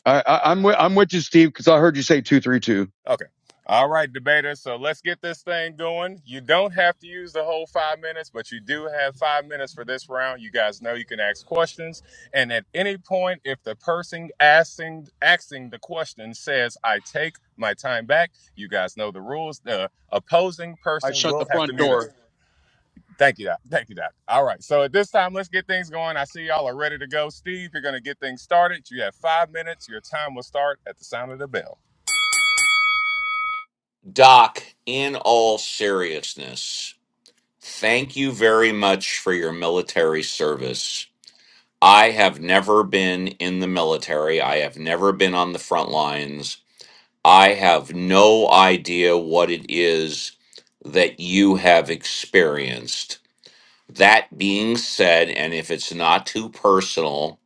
Speaker 14: I, I, I'm with, I'm with you, Steve, because I heard you say two, three, two.
Speaker 1: okay. All right, debater. So let's get this thing going. You don't have to use the whole five minutes, but you do have five minutes for this round. You guys know you can ask questions, and at any point, if the person asking asking the question says, "I take my time back," you guys know the rules. The opposing
Speaker 14: I
Speaker 1: person
Speaker 14: shut
Speaker 1: will
Speaker 14: the
Speaker 1: have to
Speaker 14: front
Speaker 1: mute up.
Speaker 14: door.
Speaker 1: Thank you, Doc. Thank you, Doc. All right. So at this time, let's get things going. I see y'all are ready to go. Steve, you're going to get things started. You have five minutes. Your time will start at the sound of the bell.
Speaker 6: Doc, in all seriousness, thank you very much for your military service. I have never been in the military. I have never been on the front lines. I have no idea what it is that you have experienced That being said, and if it's not too personal,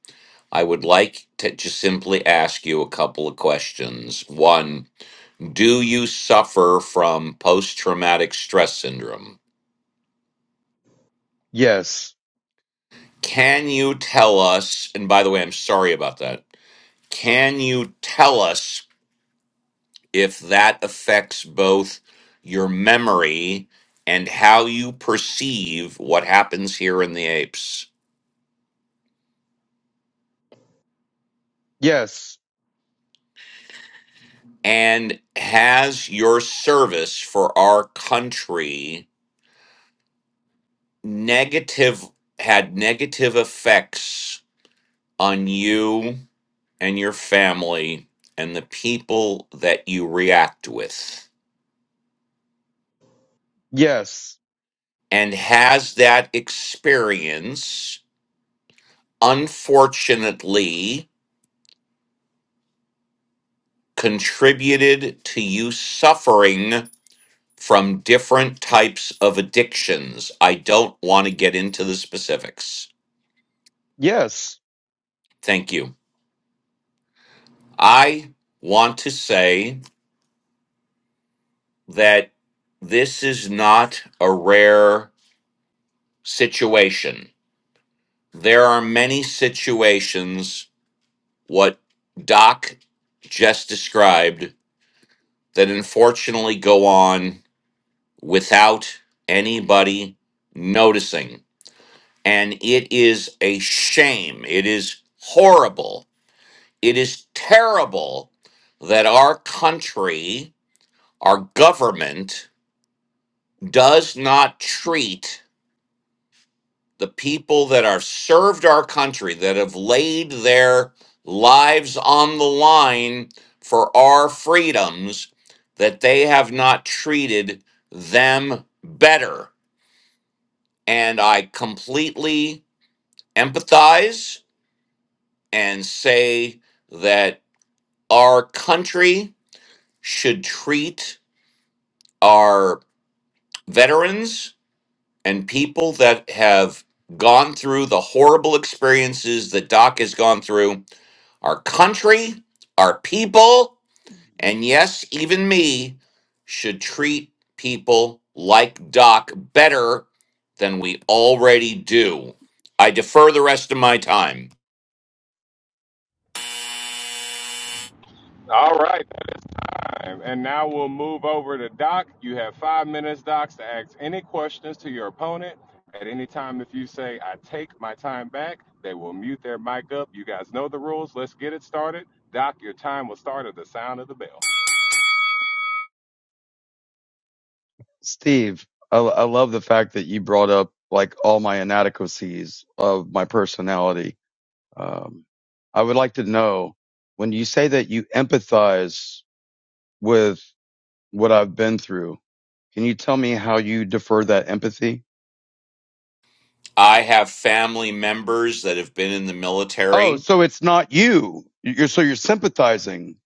Speaker 6: I would like to just simply ask you a couple of questions. One, do you suffer from post traumatic stress syndrome?
Speaker 14: Yes,
Speaker 6: Can you tell us, and by the way, I'm sorry about that, can you tell us if that affects both your memory and how you perceive what happens here in the apes?
Speaker 14: yes,
Speaker 6: And has your service for our country negative had negative effects on you and your family and the people that you react with?
Speaker 14: yes,
Speaker 6: And has that experience unfortunately contributed to you suffering from different types of addictions? I don't want to get into the specifics.
Speaker 14: yes.
Speaker 6: Thank you. I want to say that this is not a rare situation. There are many situations, what Doc just described, that unfortunately go on without anybody noticing. And it is a shame. It is horrible. It is terrible that our country, our government, does not treat the people that are served our country, that have laid their lives on the line for our freedoms, that they have not treated them better. And I completely empathize and say that our country should treat our veterans and people that have gone through the horrible experiences that Doc has gone through, our country, our people, and yes, even me, should treat people like Doc better than we already do. I defer the rest of my time.
Speaker 1: All right. That is time. And now we'll move over to Doc. You have five minutes, Docs, to ask any questions to your opponent. At any time, if you say, I take my time back, they will mute their mic up. You guys know the rules. Let's get it started. Doc, your time will start at the sound of the bell.
Speaker 14: Steve, I, I love the fact that you brought up like all my inadequacies of my personality. Um, I would like to know when you say that you empathize with what I've been through Can you tell me how you defer that empathy?
Speaker 6: I have family members that have been in the
Speaker 14: Oh,
Speaker 6: military.
Speaker 14: so it's not you. You're so you're sympathizing.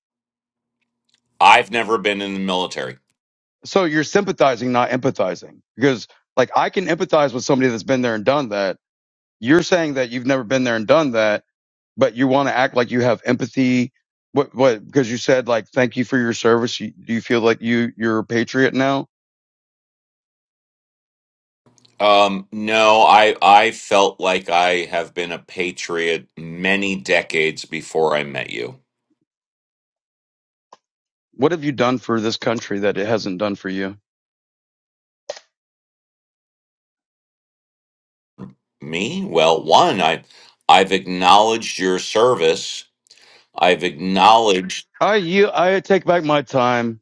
Speaker 6: I've never been in the military.
Speaker 14: So you're sympathizing, not empathizing. Because like I can empathize with somebody that's been there and done that. You're saying that you've never been there and done that, but you want to act like you have empathy. What what because you said like thank you for your service. You, do you feel like you you're a patriot now?
Speaker 6: Um, no, I I felt like I have been a patriot many decades before I met you.
Speaker 14: What have you done for this country that it hasn't done for you?
Speaker 6: Me? Well, one, I I've acknowledged your service. I've acknowledged
Speaker 14: I you I take back my time.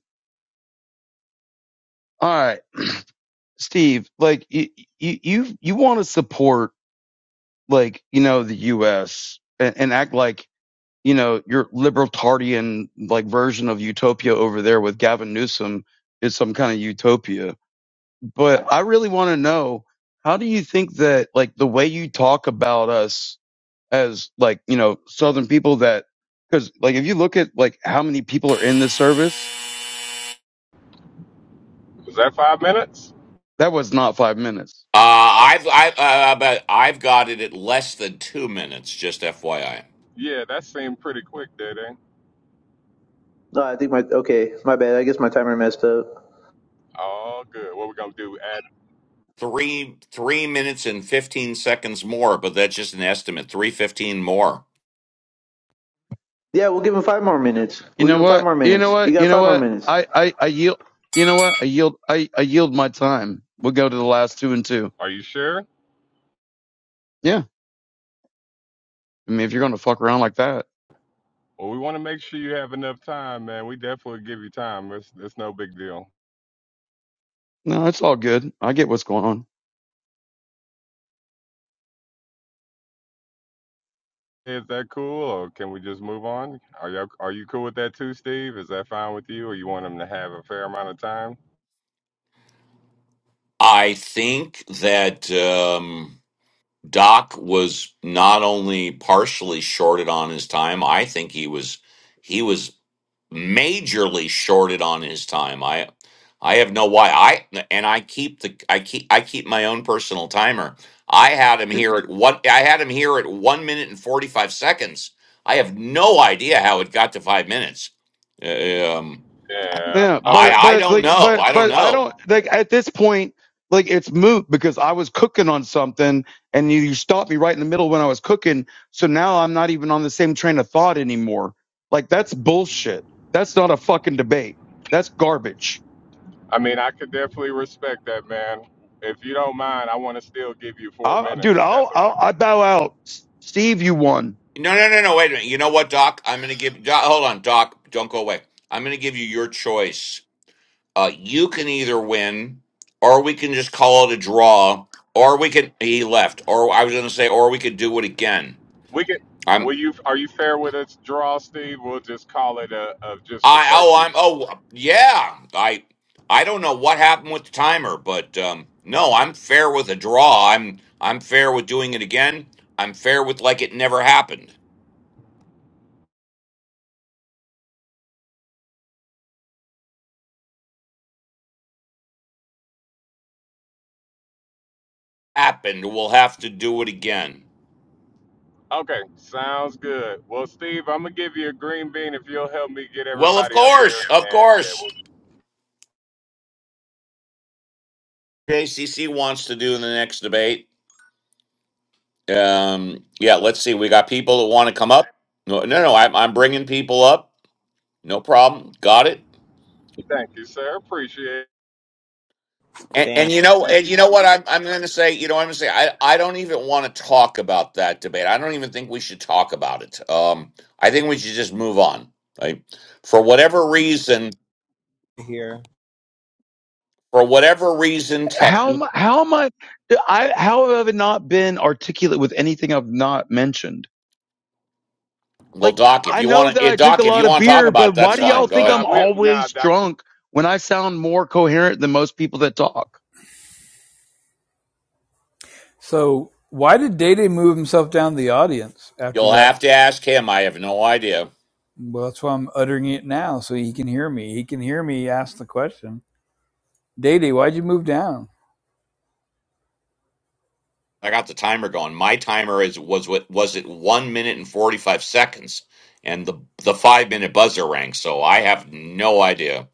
Speaker 14: All right. Steve, like you, you, you, you want to support like you know the U.S. And, and act like you know your libertarian like version of utopia over there with Gavin Newsom is some kind of utopia. But I really want to know how do you think that like the way you talk about us as like you know Southern people that because like if you look at like how many people are in this service,
Speaker 1: Was that five minutes?
Speaker 14: that was not five minutes
Speaker 6: uh I've I uh, uh, but I've got it at less than 2 minutes, just FYI.
Speaker 1: Yeah, that seemed pretty quick, didn't it?
Speaker 13: No, I think my okay, my bad. I guess my timer messed up.
Speaker 1: All good. What we're gonna do? Add?
Speaker 6: 3 3 minutes and 15 seconds more, but that's just an estimate. 315 more.
Speaker 13: Yeah, we'll give him five more minutes.
Speaker 14: You
Speaker 13: We'll give
Speaker 14: know
Speaker 13: him five
Speaker 14: what?
Speaker 13: more
Speaker 14: You know
Speaker 13: minutes. You
Speaker 14: what?
Speaker 13: got
Speaker 14: You know
Speaker 13: five more
Speaker 14: what?
Speaker 13: minutes.
Speaker 14: I, I, I yield. You know what? I yield. I, I yield my time. We'll go to the last two and two.
Speaker 1: Are you sure?
Speaker 14: Yeah. I mean, if you're going to fuck around like that,
Speaker 1: Well, we want to make sure you have enough time, man. We definitely give you time. It's it's no big deal.
Speaker 14: no, it's all good. I get what's going on.
Speaker 1: Is that cool, or can we just move on? Are you are you cool with that too, Steve? Is that fine with you, or you want them to have a fair amount of time?
Speaker 6: I think that um Doc was not only partially shorted on his time, I think he was he was majorly shorted on his time. I I have no why I and I keep the I keep I keep my own personal timer. I had him
Speaker 14: Mm,
Speaker 6: here at what I had him here at 1 minute and 45 seconds. I have no idea how it got to 5 minutes. Uh, Um
Speaker 1: Yeah.
Speaker 14: Yeah.
Speaker 6: I
Speaker 1: Okay.
Speaker 14: But,
Speaker 6: I
Speaker 14: but
Speaker 6: don't
Speaker 14: like,
Speaker 6: know.
Speaker 14: but,
Speaker 6: I don't
Speaker 14: but I
Speaker 6: know.
Speaker 14: don't like at this point, like it's moot because I was cooking on something and you, you stopped me right in the middle when I was cooking. So now I'm not even on the same train of thought anymore. Like that's bullshit. That's not a fucking debate. That's garbage.
Speaker 1: I mean, I could definitely respect that, man. If you don't mind, I want to still give you four
Speaker 14: I'll, dude,
Speaker 1: minutes, if
Speaker 14: I'll,
Speaker 1: that's okay.
Speaker 14: I'll I bow out. Steve, you won.
Speaker 6: No, no, no, no. Wait a minute. You know what, Doc? I'm going to give. Doc, hold on, Doc. Don't go away. I'm going to give you your choice. Uh, you can either win, or we can just call it a draw, or we can. He left. Or I was going to say, or we could do it again.
Speaker 1: We can.
Speaker 6: I'm.
Speaker 1: Will you? Are you fair with us, draw, Steve? We'll just call it a, a just a
Speaker 6: I.
Speaker 1: break
Speaker 6: Oh,
Speaker 1: even.
Speaker 6: I'm. Oh, yeah. I. I don't know what happened with the timer, but um, no, I'm fair with a draw. I'm. I'm fair with doing it again. I'm fair with like it never happened. Happened. We'll have to do it again.
Speaker 1: Okay, sounds good. Well, Steve, I'm gonna give you a green bean if you'll help me get
Speaker 6: Well, of
Speaker 1: everybody up here.
Speaker 6: course, of
Speaker 1: And yeah,
Speaker 6: course.
Speaker 1: well,
Speaker 6: JCC wants to do in the next debate. Um, yeah, let's see. We got people that want to come up. No, no, no. I'm, I'm bringing people up. No problem. Got it.
Speaker 1: thank you, sir. Appreciate it.
Speaker 6: And,
Speaker 15: Damn,
Speaker 6: and you know, and
Speaker 1: Next,
Speaker 6: you know what I'm, I'm going to say. You know, what I'm going to say. I, I don't even want to talk about that debate. I don't even think we should talk about it. Um, I think we should just move on. Right? For whatever reason,
Speaker 15: here.
Speaker 6: for whatever reason, tech.
Speaker 14: How am I- how am I? I how have I not been articulate with anything I've not mentioned?
Speaker 6: Well,
Speaker 14: Like
Speaker 6: Doc, if
Speaker 14: I
Speaker 6: you
Speaker 14: know
Speaker 6: want
Speaker 14: that
Speaker 6: to,
Speaker 14: I drink a
Speaker 6: Doc, if
Speaker 14: lot
Speaker 6: you
Speaker 14: of
Speaker 6: want to talk
Speaker 14: beer,
Speaker 6: about it,
Speaker 14: but why
Speaker 6: that's
Speaker 14: do
Speaker 1: nah,
Speaker 6: fine.
Speaker 14: y'all
Speaker 6: Go
Speaker 14: think
Speaker 1: nah,
Speaker 14: I'm
Speaker 6: ahead.
Speaker 1: we, nah,
Speaker 14: always
Speaker 1: doc.
Speaker 14: drunk when I sound more coherent than most people that talk?
Speaker 5: So, why did Data move himself down the audience after
Speaker 6: You'll
Speaker 5: that?
Speaker 6: have to ask him. I have no idea.
Speaker 5: Well, that's why I'm uttering it now, so he can hear me. He can hear me ask the question. Data, why'd you move down?
Speaker 6: I got the timer going. My timer is was what was it one minute and forty five seconds, and the the five minute buzzer rang. So I have no idea.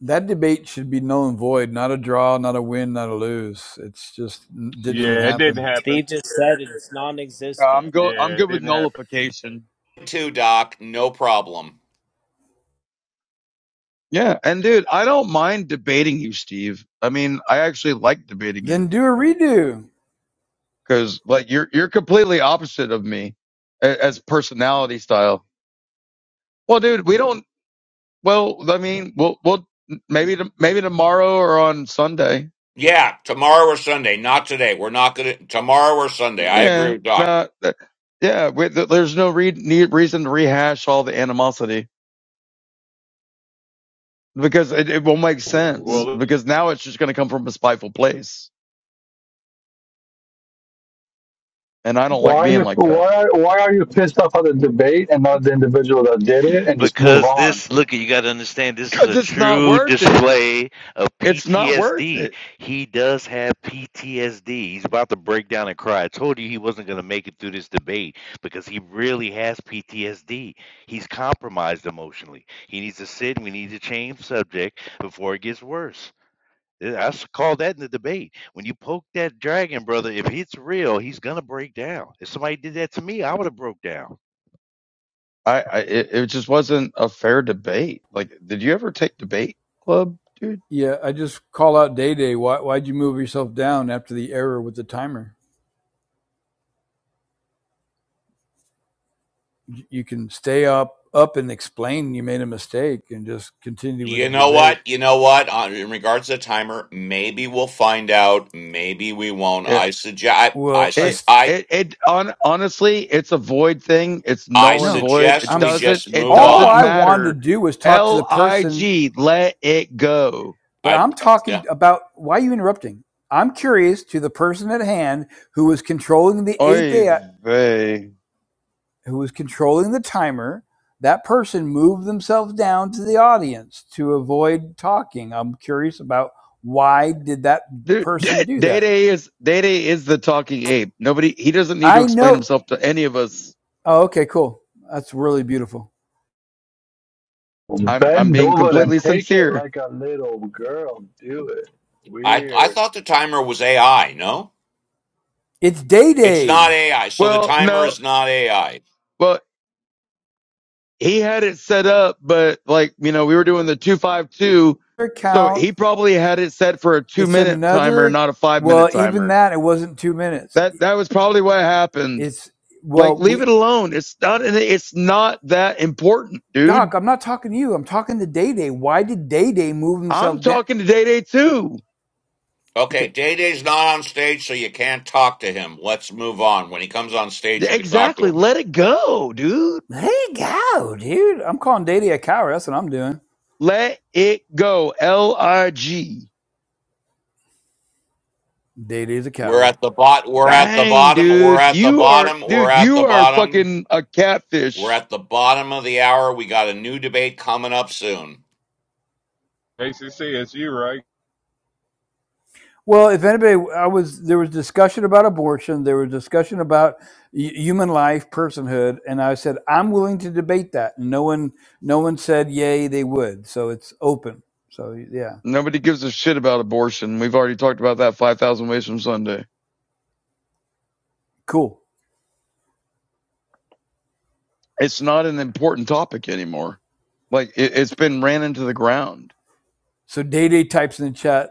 Speaker 5: That debate should be null and void. Not a draw, not a win, not a lose. It's just didn't even
Speaker 1: Yeah, it didn't
Speaker 5: happen.
Speaker 1: happen.
Speaker 15: Steve just said it's
Speaker 14: Uh,
Speaker 15: non-existent.
Speaker 14: I'm go I'm
Speaker 1: Yeah, it
Speaker 14: good with
Speaker 1: didn't happen.
Speaker 14: nullification.
Speaker 6: Two doc, no problem.
Speaker 14: Yeah, and dude, I don't mind debating you, Steve. I mean, I actually like debating
Speaker 5: Then
Speaker 14: you
Speaker 5: do a redo.
Speaker 14: because like you're you're completely opposite of me a- as personality style. Well, dude, we don't. Well, I mean, we'll we'll maybe to, maybe tomorrow or on Sunday.
Speaker 6: Yeah, tomorrow or Sunday, not today. We're not gonna tomorrow or Sunday. I agree
Speaker 14: Yeah,
Speaker 6: with doc.
Speaker 14: no, uh, yeah. We, th- there's no re- need, reason to rehash all the animosity because it, it won't make sense.
Speaker 1: Well,
Speaker 14: Because now it's just going to come from a spiteful place, and I don't like
Speaker 16: Why are
Speaker 14: being
Speaker 16: you
Speaker 14: like that
Speaker 16: why are, why are you pissed off at the debate and not the individual that did it and just move
Speaker 2: Because
Speaker 16: on?
Speaker 2: this, look, you got to understand, this is
Speaker 14: because
Speaker 2: a
Speaker 14: it's not
Speaker 2: true
Speaker 14: worth it.
Speaker 2: display of
Speaker 14: It's not worth
Speaker 2: PTSD.
Speaker 14: it.
Speaker 2: He does have PTSD. He's about to break down and cry. I told you he wasn't going to make it through this debate because he really has PTSD. He's compromised emotionally. He needs to sit and we need to change subject before it gets worse. I I s- call that in the debate. When you poke that dragon, brother, if it's real, he's going to break down. If somebody did that to me, I would have broke down.
Speaker 14: I, I it, it just wasn't a fair debate. Like, did you ever take debate club, dude?
Speaker 5: Yeah, I just call out Day Day. Why, why'd you move yourself down after the error with the timer? You can stay up, up and explain you made a mistake, and just continue with the
Speaker 6: You know what?
Speaker 5: debate.
Speaker 6: You know what? On, in regards to the timer, maybe we'll find out. Maybe we won't.
Speaker 14: Yeah.
Speaker 6: I suggest. I, I
Speaker 5: Well, I
Speaker 6: should.
Speaker 14: It
Speaker 6: I
Speaker 14: it it on, honestly, it's a void thing. It's
Speaker 6: I
Speaker 14: null and
Speaker 5: no,
Speaker 14: void.
Speaker 6: suggest
Speaker 14: It
Speaker 5: I'm
Speaker 6: we
Speaker 14: doesn't
Speaker 6: just
Speaker 14: it
Speaker 6: move
Speaker 5: all
Speaker 14: doesn't
Speaker 5: I
Speaker 6: on.
Speaker 5: wanted to
Speaker 14: matter.
Speaker 5: do was talk to the
Speaker 14: L I
Speaker 5: person,
Speaker 14: G, let it go.
Speaker 5: but
Speaker 6: I
Speaker 5: I'm talking
Speaker 6: yeah.
Speaker 5: about why are you interrupting? I'm curious to the person at hand who was controlling the
Speaker 14: Oy
Speaker 5: API,
Speaker 14: vey.
Speaker 5: who was controlling the timer, that person moved themselves down to the audience to avoid talking. I'm curious about why did that
Speaker 14: Dude, *laughs*
Speaker 5: person
Speaker 14: Day
Speaker 5: do that?
Speaker 14: Day is Day Day is the talking ape. Nobody he doesn't need to
Speaker 5: I
Speaker 14: explain
Speaker 5: know.
Speaker 14: himself to any of us.
Speaker 5: Oh, okay, cool. That's really beautiful.
Speaker 14: I'm I'm
Speaker 16: Bend
Speaker 14: being
Speaker 16: over and
Speaker 14: completely
Speaker 16: take it
Speaker 14: sincere.
Speaker 16: like a little girl. Do it.
Speaker 6: I I
Speaker 16: Weird.
Speaker 6: thought the timer was AI. No.
Speaker 5: It's Day
Speaker 6: It's not
Speaker 5: Day.
Speaker 6: AI, so the
Speaker 14: Well,
Speaker 6: timer
Speaker 14: no,
Speaker 6: is not AI.
Speaker 14: well he had it set up, but like you know we were doing the two five two, so
Speaker 5: Account.
Speaker 14: he probably had it set for a two
Speaker 5: It's
Speaker 14: minute timer,
Speaker 5: another.
Speaker 14: not a five
Speaker 5: Well,
Speaker 14: minute timer.
Speaker 5: even that it wasn't two minutes.
Speaker 14: That that was probably what happened.
Speaker 5: It's
Speaker 14: Like,
Speaker 5: well,
Speaker 14: leave
Speaker 5: we
Speaker 14: it alone. It's not. It's not that important, dude.
Speaker 5: Doc. I'm not talking to you. I'm talking to Day Day. Why did Day Day move
Speaker 14: I'm
Speaker 5: himself down?
Speaker 14: talking to Day Day too.
Speaker 6: Okay,
Speaker 5: Okay.
Speaker 6: Day Day's not on stage, so you can't talk to him. Let's move on. When he comes on stage, you can talk to
Speaker 14: Exactly.
Speaker 6: him.
Speaker 14: Let it go, dude.
Speaker 5: Hey, cow, dude. I'm calling Day Day a coward. That's what I'm doing.
Speaker 14: Let it go. L I G.
Speaker 5: Data is a
Speaker 6: We're
Speaker 5: coward.
Speaker 6: at the bot. We're at the
Speaker 14: Dang,
Speaker 6: bottom. We're
Speaker 14: dude.
Speaker 6: at the
Speaker 14: You are,
Speaker 6: bottom. We're
Speaker 14: dude.
Speaker 6: at the
Speaker 14: You are
Speaker 6: bottom.
Speaker 14: fucking a
Speaker 6: We're
Speaker 14: catfish.
Speaker 6: at the bottom of the hour. We got a new debate coming up soon.
Speaker 1: ACC, it's you, right?
Speaker 5: Well, if anybody, I was there was discussion about abortion. There was discussion about human life, personhood, and I said I'm willing to debate that. And no one, no one said yay. They would, so it's open. So yeah,
Speaker 14: Nobody gives a shit about abortion. We've already talked about that five thousand ways from Sunday.
Speaker 5: cool.
Speaker 14: It's not an important topic anymore. Like it, it's been ran into the ground.
Speaker 5: So Day Day types in the chat,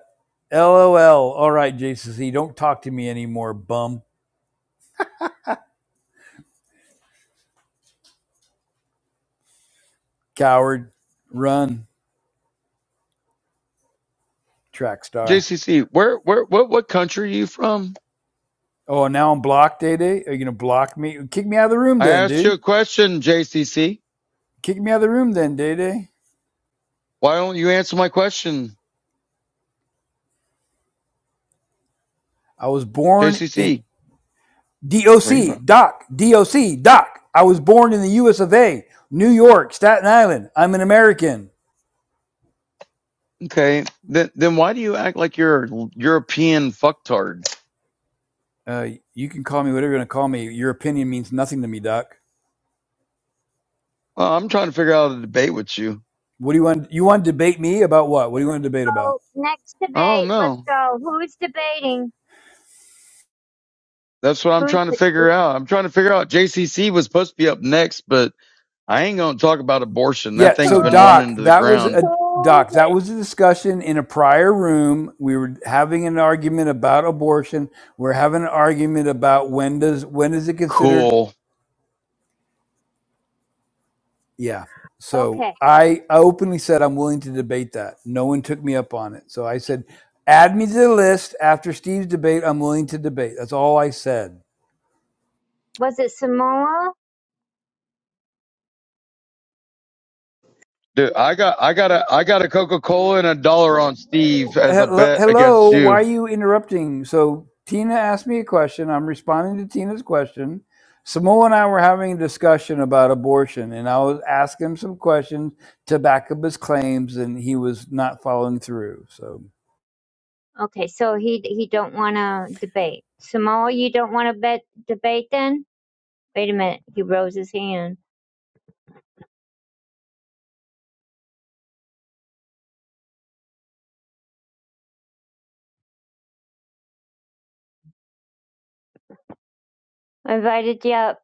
Speaker 5: LOL. All right, JCC, don't talk to me anymore, bum, coward, run, track star.
Speaker 14: JCC, where, where, what, what country are you from?
Speaker 5: Oh, now I'm blocked, Day Day. Are you gonna block me? Kick me out of the room,
Speaker 14: I
Speaker 5: then,
Speaker 14: asked you
Speaker 5: dude.
Speaker 14: a question, JCC.
Speaker 5: Kick me out of the room, then, Day Day.
Speaker 14: Why don't you answer my question,
Speaker 5: I was born in
Speaker 14: JCC? Where are you
Speaker 5: DOC,
Speaker 14: from?
Speaker 5: Doc, DOC, D O C, Doc. I was born in the US of A, New York, Staten Island. I'm an American.
Speaker 14: Okay, then, then why do you act like you're a European fucktard?
Speaker 5: Uh, you can call me whatever you want to call me. Your opinion means nothing to me, Doc.
Speaker 14: Well, I'm trying to figure out a debate with you.
Speaker 5: What do you want? You want to debate me about what? What
Speaker 8: Hey,
Speaker 5: do you
Speaker 8: let's
Speaker 5: want to debate about?
Speaker 8: go. Next
Speaker 14: I don't
Speaker 8: debate. Let's
Speaker 14: know.
Speaker 8: go. Who's debating?
Speaker 14: That's what I'm
Speaker 8: Who's,
Speaker 14: trying to
Speaker 8: de-
Speaker 14: figure out. I'm trying to figure out. JCC was supposed to be up next, but I ain't gonna talk about abortion.
Speaker 5: Yeah,
Speaker 14: That thing's
Speaker 5: so
Speaker 14: been
Speaker 8: who,
Speaker 5: Doc,
Speaker 14: running to the
Speaker 5: that was
Speaker 14: ground.
Speaker 5: a
Speaker 8: who,
Speaker 5: Doc, that
Speaker 8: would-
Speaker 5: was a discussion in a prior room. We were having an argument about abortion. We're having an argument about when does when is it considered
Speaker 14: Cool.
Speaker 5: Yeah. So
Speaker 8: okay.
Speaker 5: I I openly said I'm willing to debate that. No one took me up on it. So I said, add me to the list after Steve's debate. I'm willing to debate. That's all I said.
Speaker 8: Was it Samoa?
Speaker 14: Dude, I got I got a I got a Coca Cola and a dollar on Steve as a
Speaker 5: Hello,
Speaker 14: bet
Speaker 5: hello,
Speaker 14: against
Speaker 5: why
Speaker 14: you.
Speaker 5: are you interrupting? So Tina asked me a question. I'm responding to Tina's question. Samoa and I were having a discussion about abortion, and I was asking him some questions to back up his claims, and he was not following through. So
Speaker 8: Okay, so he he don't want to debate. Samoa, you don't want to bet debate then? Wait a minute. He rose his hand. I invited you up.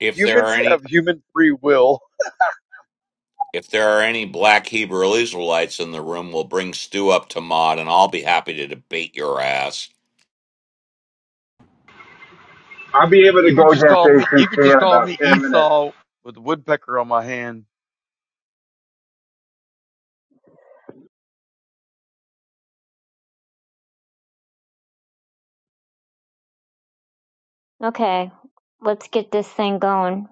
Speaker 6: If there are
Speaker 14: Humans
Speaker 6: any,
Speaker 14: have human free will.
Speaker 6: if there are any Black Hebrew Israelites in the room, we'll bring Stu up to mod, and I'll be happy to debate your ass.
Speaker 17: I'll be able to
Speaker 14: You could
Speaker 17: go
Speaker 14: just
Speaker 17: against
Speaker 14: call me you
Speaker 17: ACC
Speaker 14: could just
Speaker 17: in
Speaker 14: call
Speaker 17: about
Speaker 14: me
Speaker 17: 10 minutes.
Speaker 14: Esau with a woodpecker on my hand.
Speaker 8: Okay, let's get this thing going.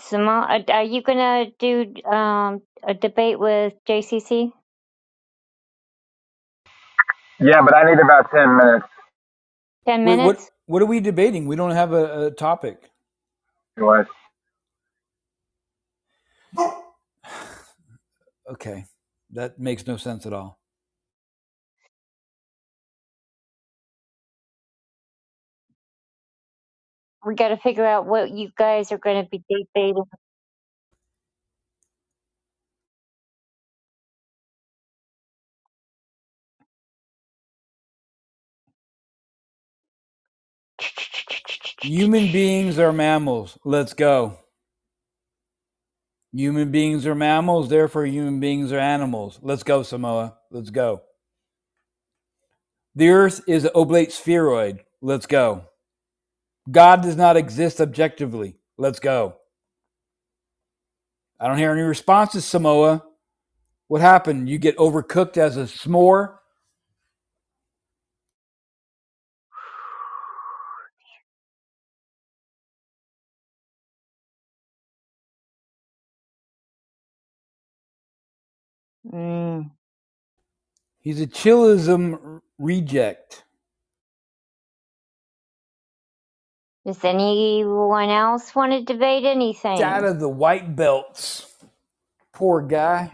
Speaker 8: Simone, are, are you gonna do um a debate with JCC?
Speaker 17: Yeah, but I need about 10 minutes
Speaker 8: Ten
Speaker 5: wait, what?
Speaker 8: minutes.
Speaker 5: What are we debating? We don't have a, a topic.
Speaker 17: anyway.
Speaker 5: Okay, that makes no sense at all.
Speaker 8: We got to figure out what you guys are gonna be debating.
Speaker 5: Human beings are mammals. Let's go. Human beings are mammals, therefore, human beings are animals. Let's go, Samoa. Let's go. The earth is an oblate spheroid. Let's go. God does not exist objectively. Let's go. I don't hear any responses, Samoa. What happened? You get overcooked as a s'more?
Speaker 8: Mm.
Speaker 5: He's a chillism reject.
Speaker 8: Does anyone else want to debate
Speaker 5: Get out
Speaker 8: anything?
Speaker 5: of the white belts. Poor guy.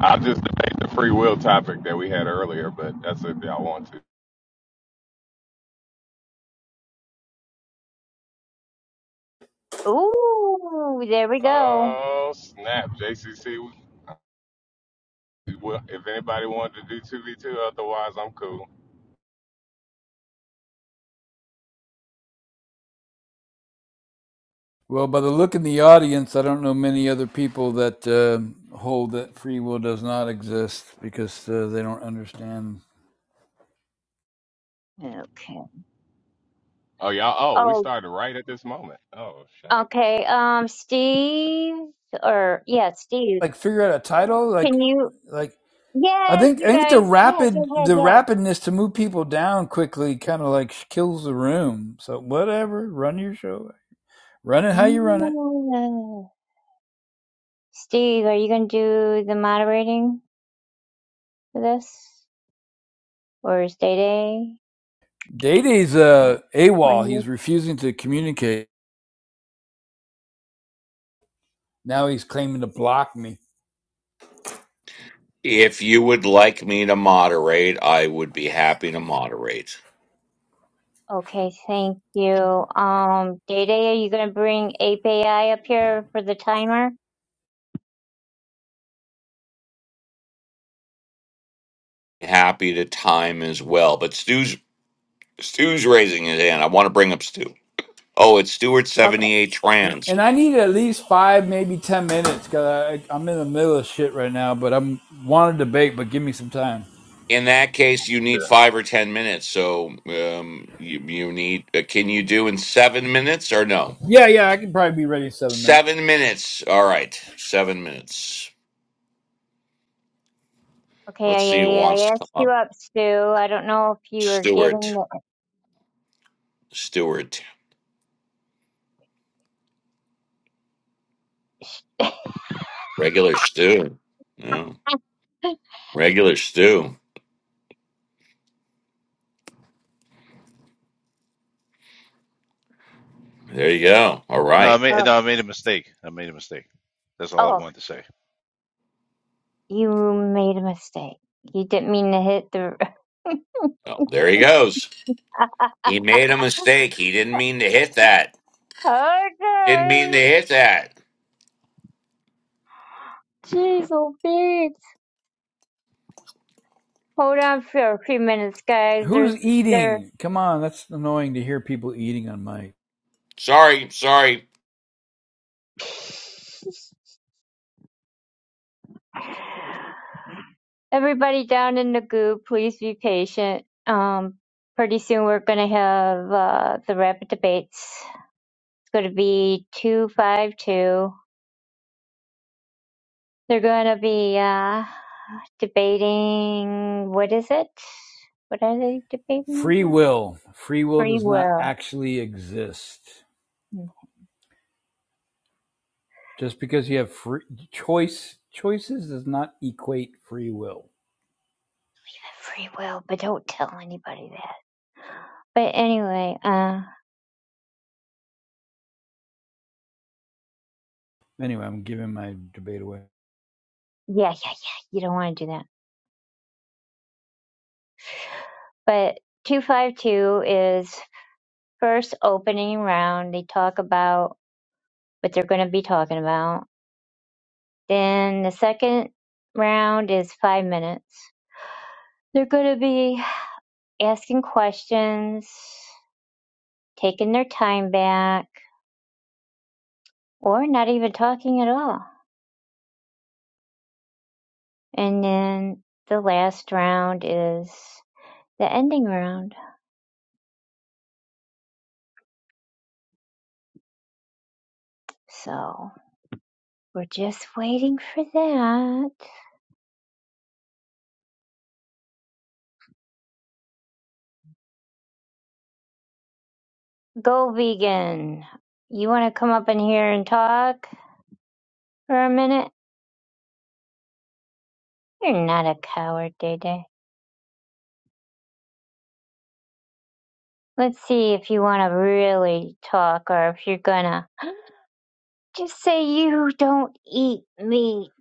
Speaker 1: I'll just debate the free will topic that we had earlier, but that's if y'all want to.
Speaker 8: Ooh, there we go.
Speaker 1: Oh snap, JCC. well, If anybody wanted to do two v two, otherwise I'm cool.
Speaker 5: Well, by the look in the audience, I don't know many other people that uh, hold that free will does not exist because uh, they don't understand.
Speaker 8: Okay.
Speaker 1: Oh y'all. Oh, we
Speaker 8: Oh,
Speaker 1: started right at this moment. Oh shit.
Speaker 8: okay. Um, Steve, or yeah, Steve.
Speaker 5: Like, figure out a title. Like,
Speaker 8: Can you?
Speaker 5: like I
Speaker 8: Yeah,
Speaker 5: think
Speaker 8: you
Speaker 5: I think the
Speaker 8: guys. Yeah, yeah,
Speaker 5: rapid
Speaker 8: yeah,
Speaker 5: the
Speaker 8: yeah.
Speaker 5: rapidness to move people down quickly kind of like kills the room. So whatever, run your show, run it how you run it.
Speaker 8: Mm. Steve, are you gonna do the moderating for this, or is Day Day?
Speaker 5: Day Day's uh,
Speaker 8: When are
Speaker 5: AWOL.
Speaker 8: you?
Speaker 5: He's refusing to communicate. Now he's claiming to block me.
Speaker 6: If you would like me to moderate, I would be happy to moderate.
Speaker 8: Okay, thank you. Um, Day Day, are you gonna bring Ape AI up here for the timer?
Speaker 6: happy to time as well. But Stu's Stu's raising his hand. I want to bring up Stu. Oh, it's Stuart
Speaker 8: Okay.
Speaker 6: seventy eight
Speaker 5: and,
Speaker 6: trans.
Speaker 5: and I need at least five, maybe ten minutes because I am in the middle of shit right now. But I'm want to debate, but give me some time.
Speaker 6: In that case, you need five or ten minutes. So um, you you need. Uh, can you do in seven minutes or no?
Speaker 5: Yeah, yeah, I can probably be ready in seven minutes.
Speaker 6: Seven minutes. All right, seven minutes. Let's see who
Speaker 8: Okay, I,
Speaker 6: wants
Speaker 8: I
Speaker 6: to come
Speaker 8: asked you
Speaker 6: up.
Speaker 8: up, Stu. I don't know if you were
Speaker 6: Stuart.
Speaker 8: getting
Speaker 6: Stuart.
Speaker 8: it.
Speaker 6: Regular Stu. No.
Speaker 8: *laughs*
Speaker 6: Regular Stu. There you go. All
Speaker 2: No, I
Speaker 6: right.
Speaker 2: made
Speaker 8: oh,
Speaker 2: no, I made a mistake. I made a mistake. That's all I
Speaker 8: oh,
Speaker 2: wanted to say.
Speaker 8: you made a mistake. You didn't mean to hit the.
Speaker 6: Oh, there he goes. He
Speaker 8: *laughs*
Speaker 6: made a mistake. He didn't mean to hit that. Didn't mean
Speaker 8: okay.
Speaker 6: to hit that.
Speaker 8: Jeez, oh, bitch. Hold on for a few minutes, guys. There's
Speaker 5: Who's
Speaker 8: there.
Speaker 5: eating? Come on, that's annoying to hear people eating on mic.
Speaker 6: Sorry, sorry.
Speaker 8: Everybody down in the group, please be patient. Um, pretty soon we're gonna have uh, the rapid debates. It's gonna be two five two. They're gonna be uh debating. What is it? What are they debating
Speaker 5: Free
Speaker 8: about?
Speaker 5: will. Free will
Speaker 8: Free
Speaker 5: does not
Speaker 8: will.
Speaker 5: actually exist. Just because you have free choice choices does not equate free will.
Speaker 8: Free will, but don't tell anybody that. But anyway, uh,
Speaker 5: Anyway, I'm giving my debate away.
Speaker 8: yeah, yeah, yeah. You don't want to do that. But 252 is first opening round. They talk about what they're going to be talking about. Then the second round is five minutes. They're going to be asking questions, taking their time back, or not even talking at all. And then the last round is the ending round. So we're just waiting for that. Go vegan. You want to come up in here and talk? for a minute? You're not a coward, Day Day. Let's see if you want to really talk or if you're gonna just say you don't eat meat.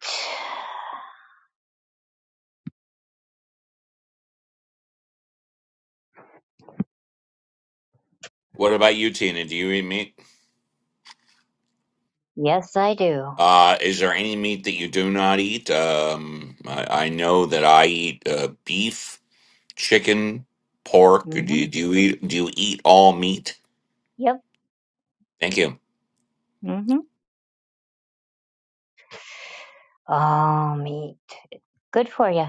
Speaker 6: What about you, Tina? Do you eat meat?
Speaker 8: Yes, I do.
Speaker 6: Uh, is there any meat that you do not eat? Um, I, I know that I eat uh, beef, chicken, pork. Do
Speaker 8: Mm-hmm.
Speaker 6: you, do you eat? Do you eat all meat?
Speaker 8: Yep.
Speaker 6: Thank you.
Speaker 8: Mm-hmm. All meat. It's Good for you.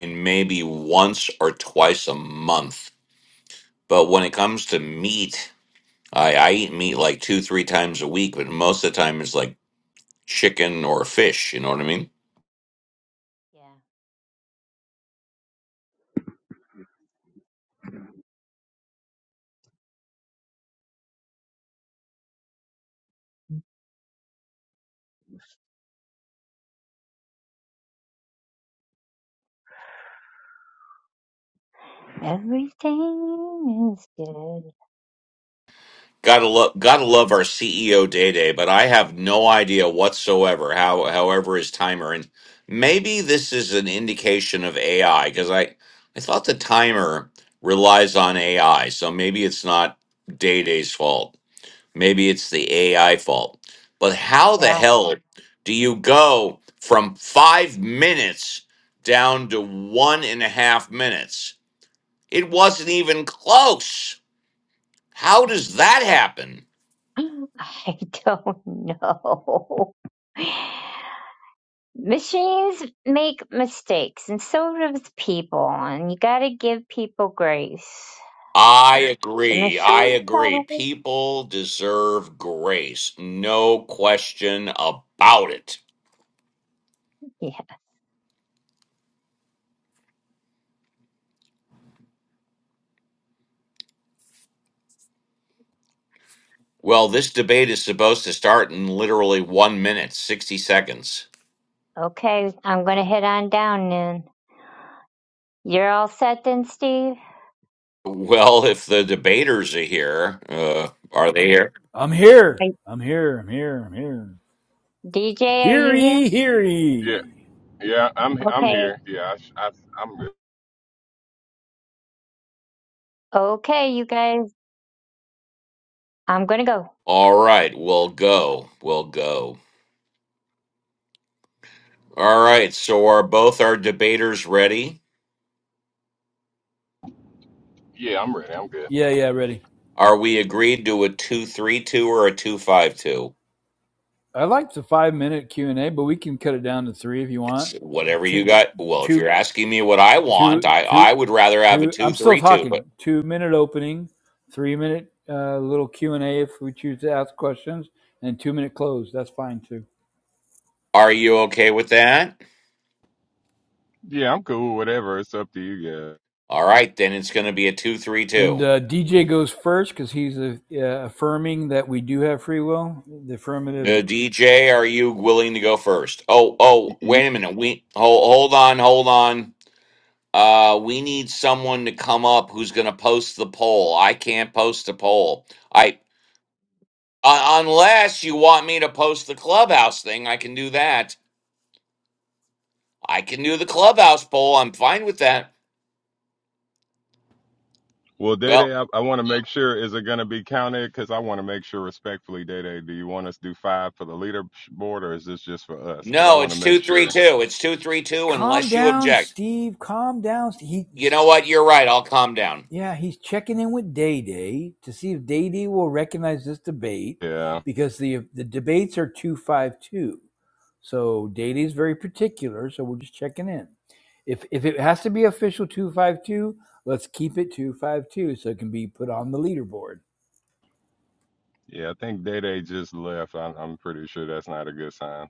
Speaker 6: And maybe once or twice a month. But when it comes to meat, I, I eat meat like two, three times a week. But most of the time, it's like chicken or fish. You know what I mean?
Speaker 8: Yeah. Everything is good.
Speaker 6: Gotta love, gotta love our CEO Day Day, but I have no idea whatsoever how, however, his timer and maybe this is an indication of AI because I, I thought the timer relies on AI, so maybe it's not Day Day's fault. Maybe it's the AI fault. But how the
Speaker 8: Yeah.
Speaker 6: hell do you go from five minutes down to one and a half minutes? It wasn't even close. How does that happen?
Speaker 8: *laughs* I don't know. *laughs* machines make mistakes and so does people and you got to give people grace
Speaker 6: I
Speaker 8: the
Speaker 6: agree. I
Speaker 8: machines
Speaker 6: agree.
Speaker 8: always
Speaker 6: People deserve grace. No question about it.
Speaker 8: yeah
Speaker 6: Well, this debate is supposed to start in literally one minute, 60 seconds.
Speaker 8: okay i'm gonna head on down then you're all set then steve
Speaker 6: Well, if the debaters are here, uh, are they here?
Speaker 5: I'm here.
Speaker 8: I-
Speaker 5: I'm here. I'm here. I'm here.
Speaker 8: dj are
Speaker 5: Hear
Speaker 8: you here
Speaker 5: ye, hear
Speaker 1: Yeah,
Speaker 5: ye.
Speaker 1: yeah, I'm I'm
Speaker 8: okay
Speaker 1: here. Yeah, I, I i am good.
Speaker 8: okay you guys i'm gonna go
Speaker 6: All right, we'll go. We'll go. All right, so are both our debaters ready?
Speaker 1: Yeah, I'm ready. I'm good.
Speaker 5: Yeah, yeah, ready.
Speaker 6: Are we agreed to a 232 or a 252?
Speaker 5: I like the five minute Q and A, but we can cut it down to three if you
Speaker 6: It's
Speaker 5: want.
Speaker 6: whatever you
Speaker 5: Two,
Speaker 6: got. Well, if you're
Speaker 5: two,
Speaker 6: asking me what I want,
Speaker 5: two,
Speaker 6: I,
Speaker 5: two,
Speaker 6: I would rather have a
Speaker 5: two. I'm still
Speaker 6: 232,
Speaker 5: talking.
Speaker 6: but
Speaker 5: Two minute opening, three minute uh, little Q and A if we choose to ask questions, and two minute close. That's fine too.
Speaker 6: are you okay with that?
Speaker 1: Yeah, I'm cool. Whatever. It's up to you guys.
Speaker 6: All right, then it's going to be a
Speaker 5: And
Speaker 6: 232.
Speaker 5: uh, DJ goes first because he's uh, uh, affirming that we do have free will. The
Speaker 6: Uh,
Speaker 5: affirmative.
Speaker 1: Y-
Speaker 6: DJ, are you willing to go first? Oh,
Speaker 1: y-
Speaker 6: oh,
Speaker 1: y-
Speaker 6: wait a minute. We hold, hold on, hold on. Uh, we need someone to come up who's going to post the poll. I can't post a poll. I uh, unless you want me to post the clubhouse thing, I can do that. I can do the clubhouse poll. I'm fine with that.
Speaker 1: Well, Day
Speaker 6: Well,
Speaker 1: Day, I, I want to make sure is it going to be counted? Because I want to make sure respectfully, Day Day, do you want us to do five for the leaderboard or is this just for us? Because I
Speaker 6: No,
Speaker 1: want to
Speaker 6: it's
Speaker 1: make sure.
Speaker 6: 232. It's 232
Speaker 5: Calm
Speaker 6: unless you
Speaker 5: down,
Speaker 6: object.
Speaker 5: Steve. Calm down. He
Speaker 6: You know what? You're right. I'll calm down.
Speaker 5: Yeah, he's checking in with Day Day to see if Day Day will recognize this debate
Speaker 1: Yeah,
Speaker 5: because the the debates are two five two. So Day Day's very particular. So we're just checking in. If if it has to be official two five two, let's keep it two five two so it can be put on the leaderboard.
Speaker 1: yeah. I think Day Day just left. I'm I'm pretty sure that's not a good sign.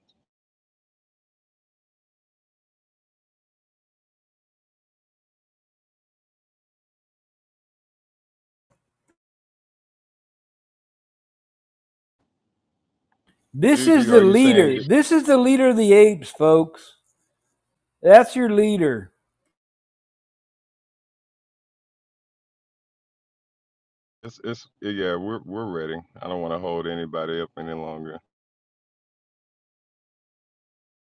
Speaker 5: This is
Speaker 1: Juju,
Speaker 5: the
Speaker 1: are you saying
Speaker 5: leader.
Speaker 1: you-
Speaker 5: This is the leader of the apes, folks. That's your leader.
Speaker 1: it's it's yeah? We're we're ready. I don't want to hold anybody up any longer.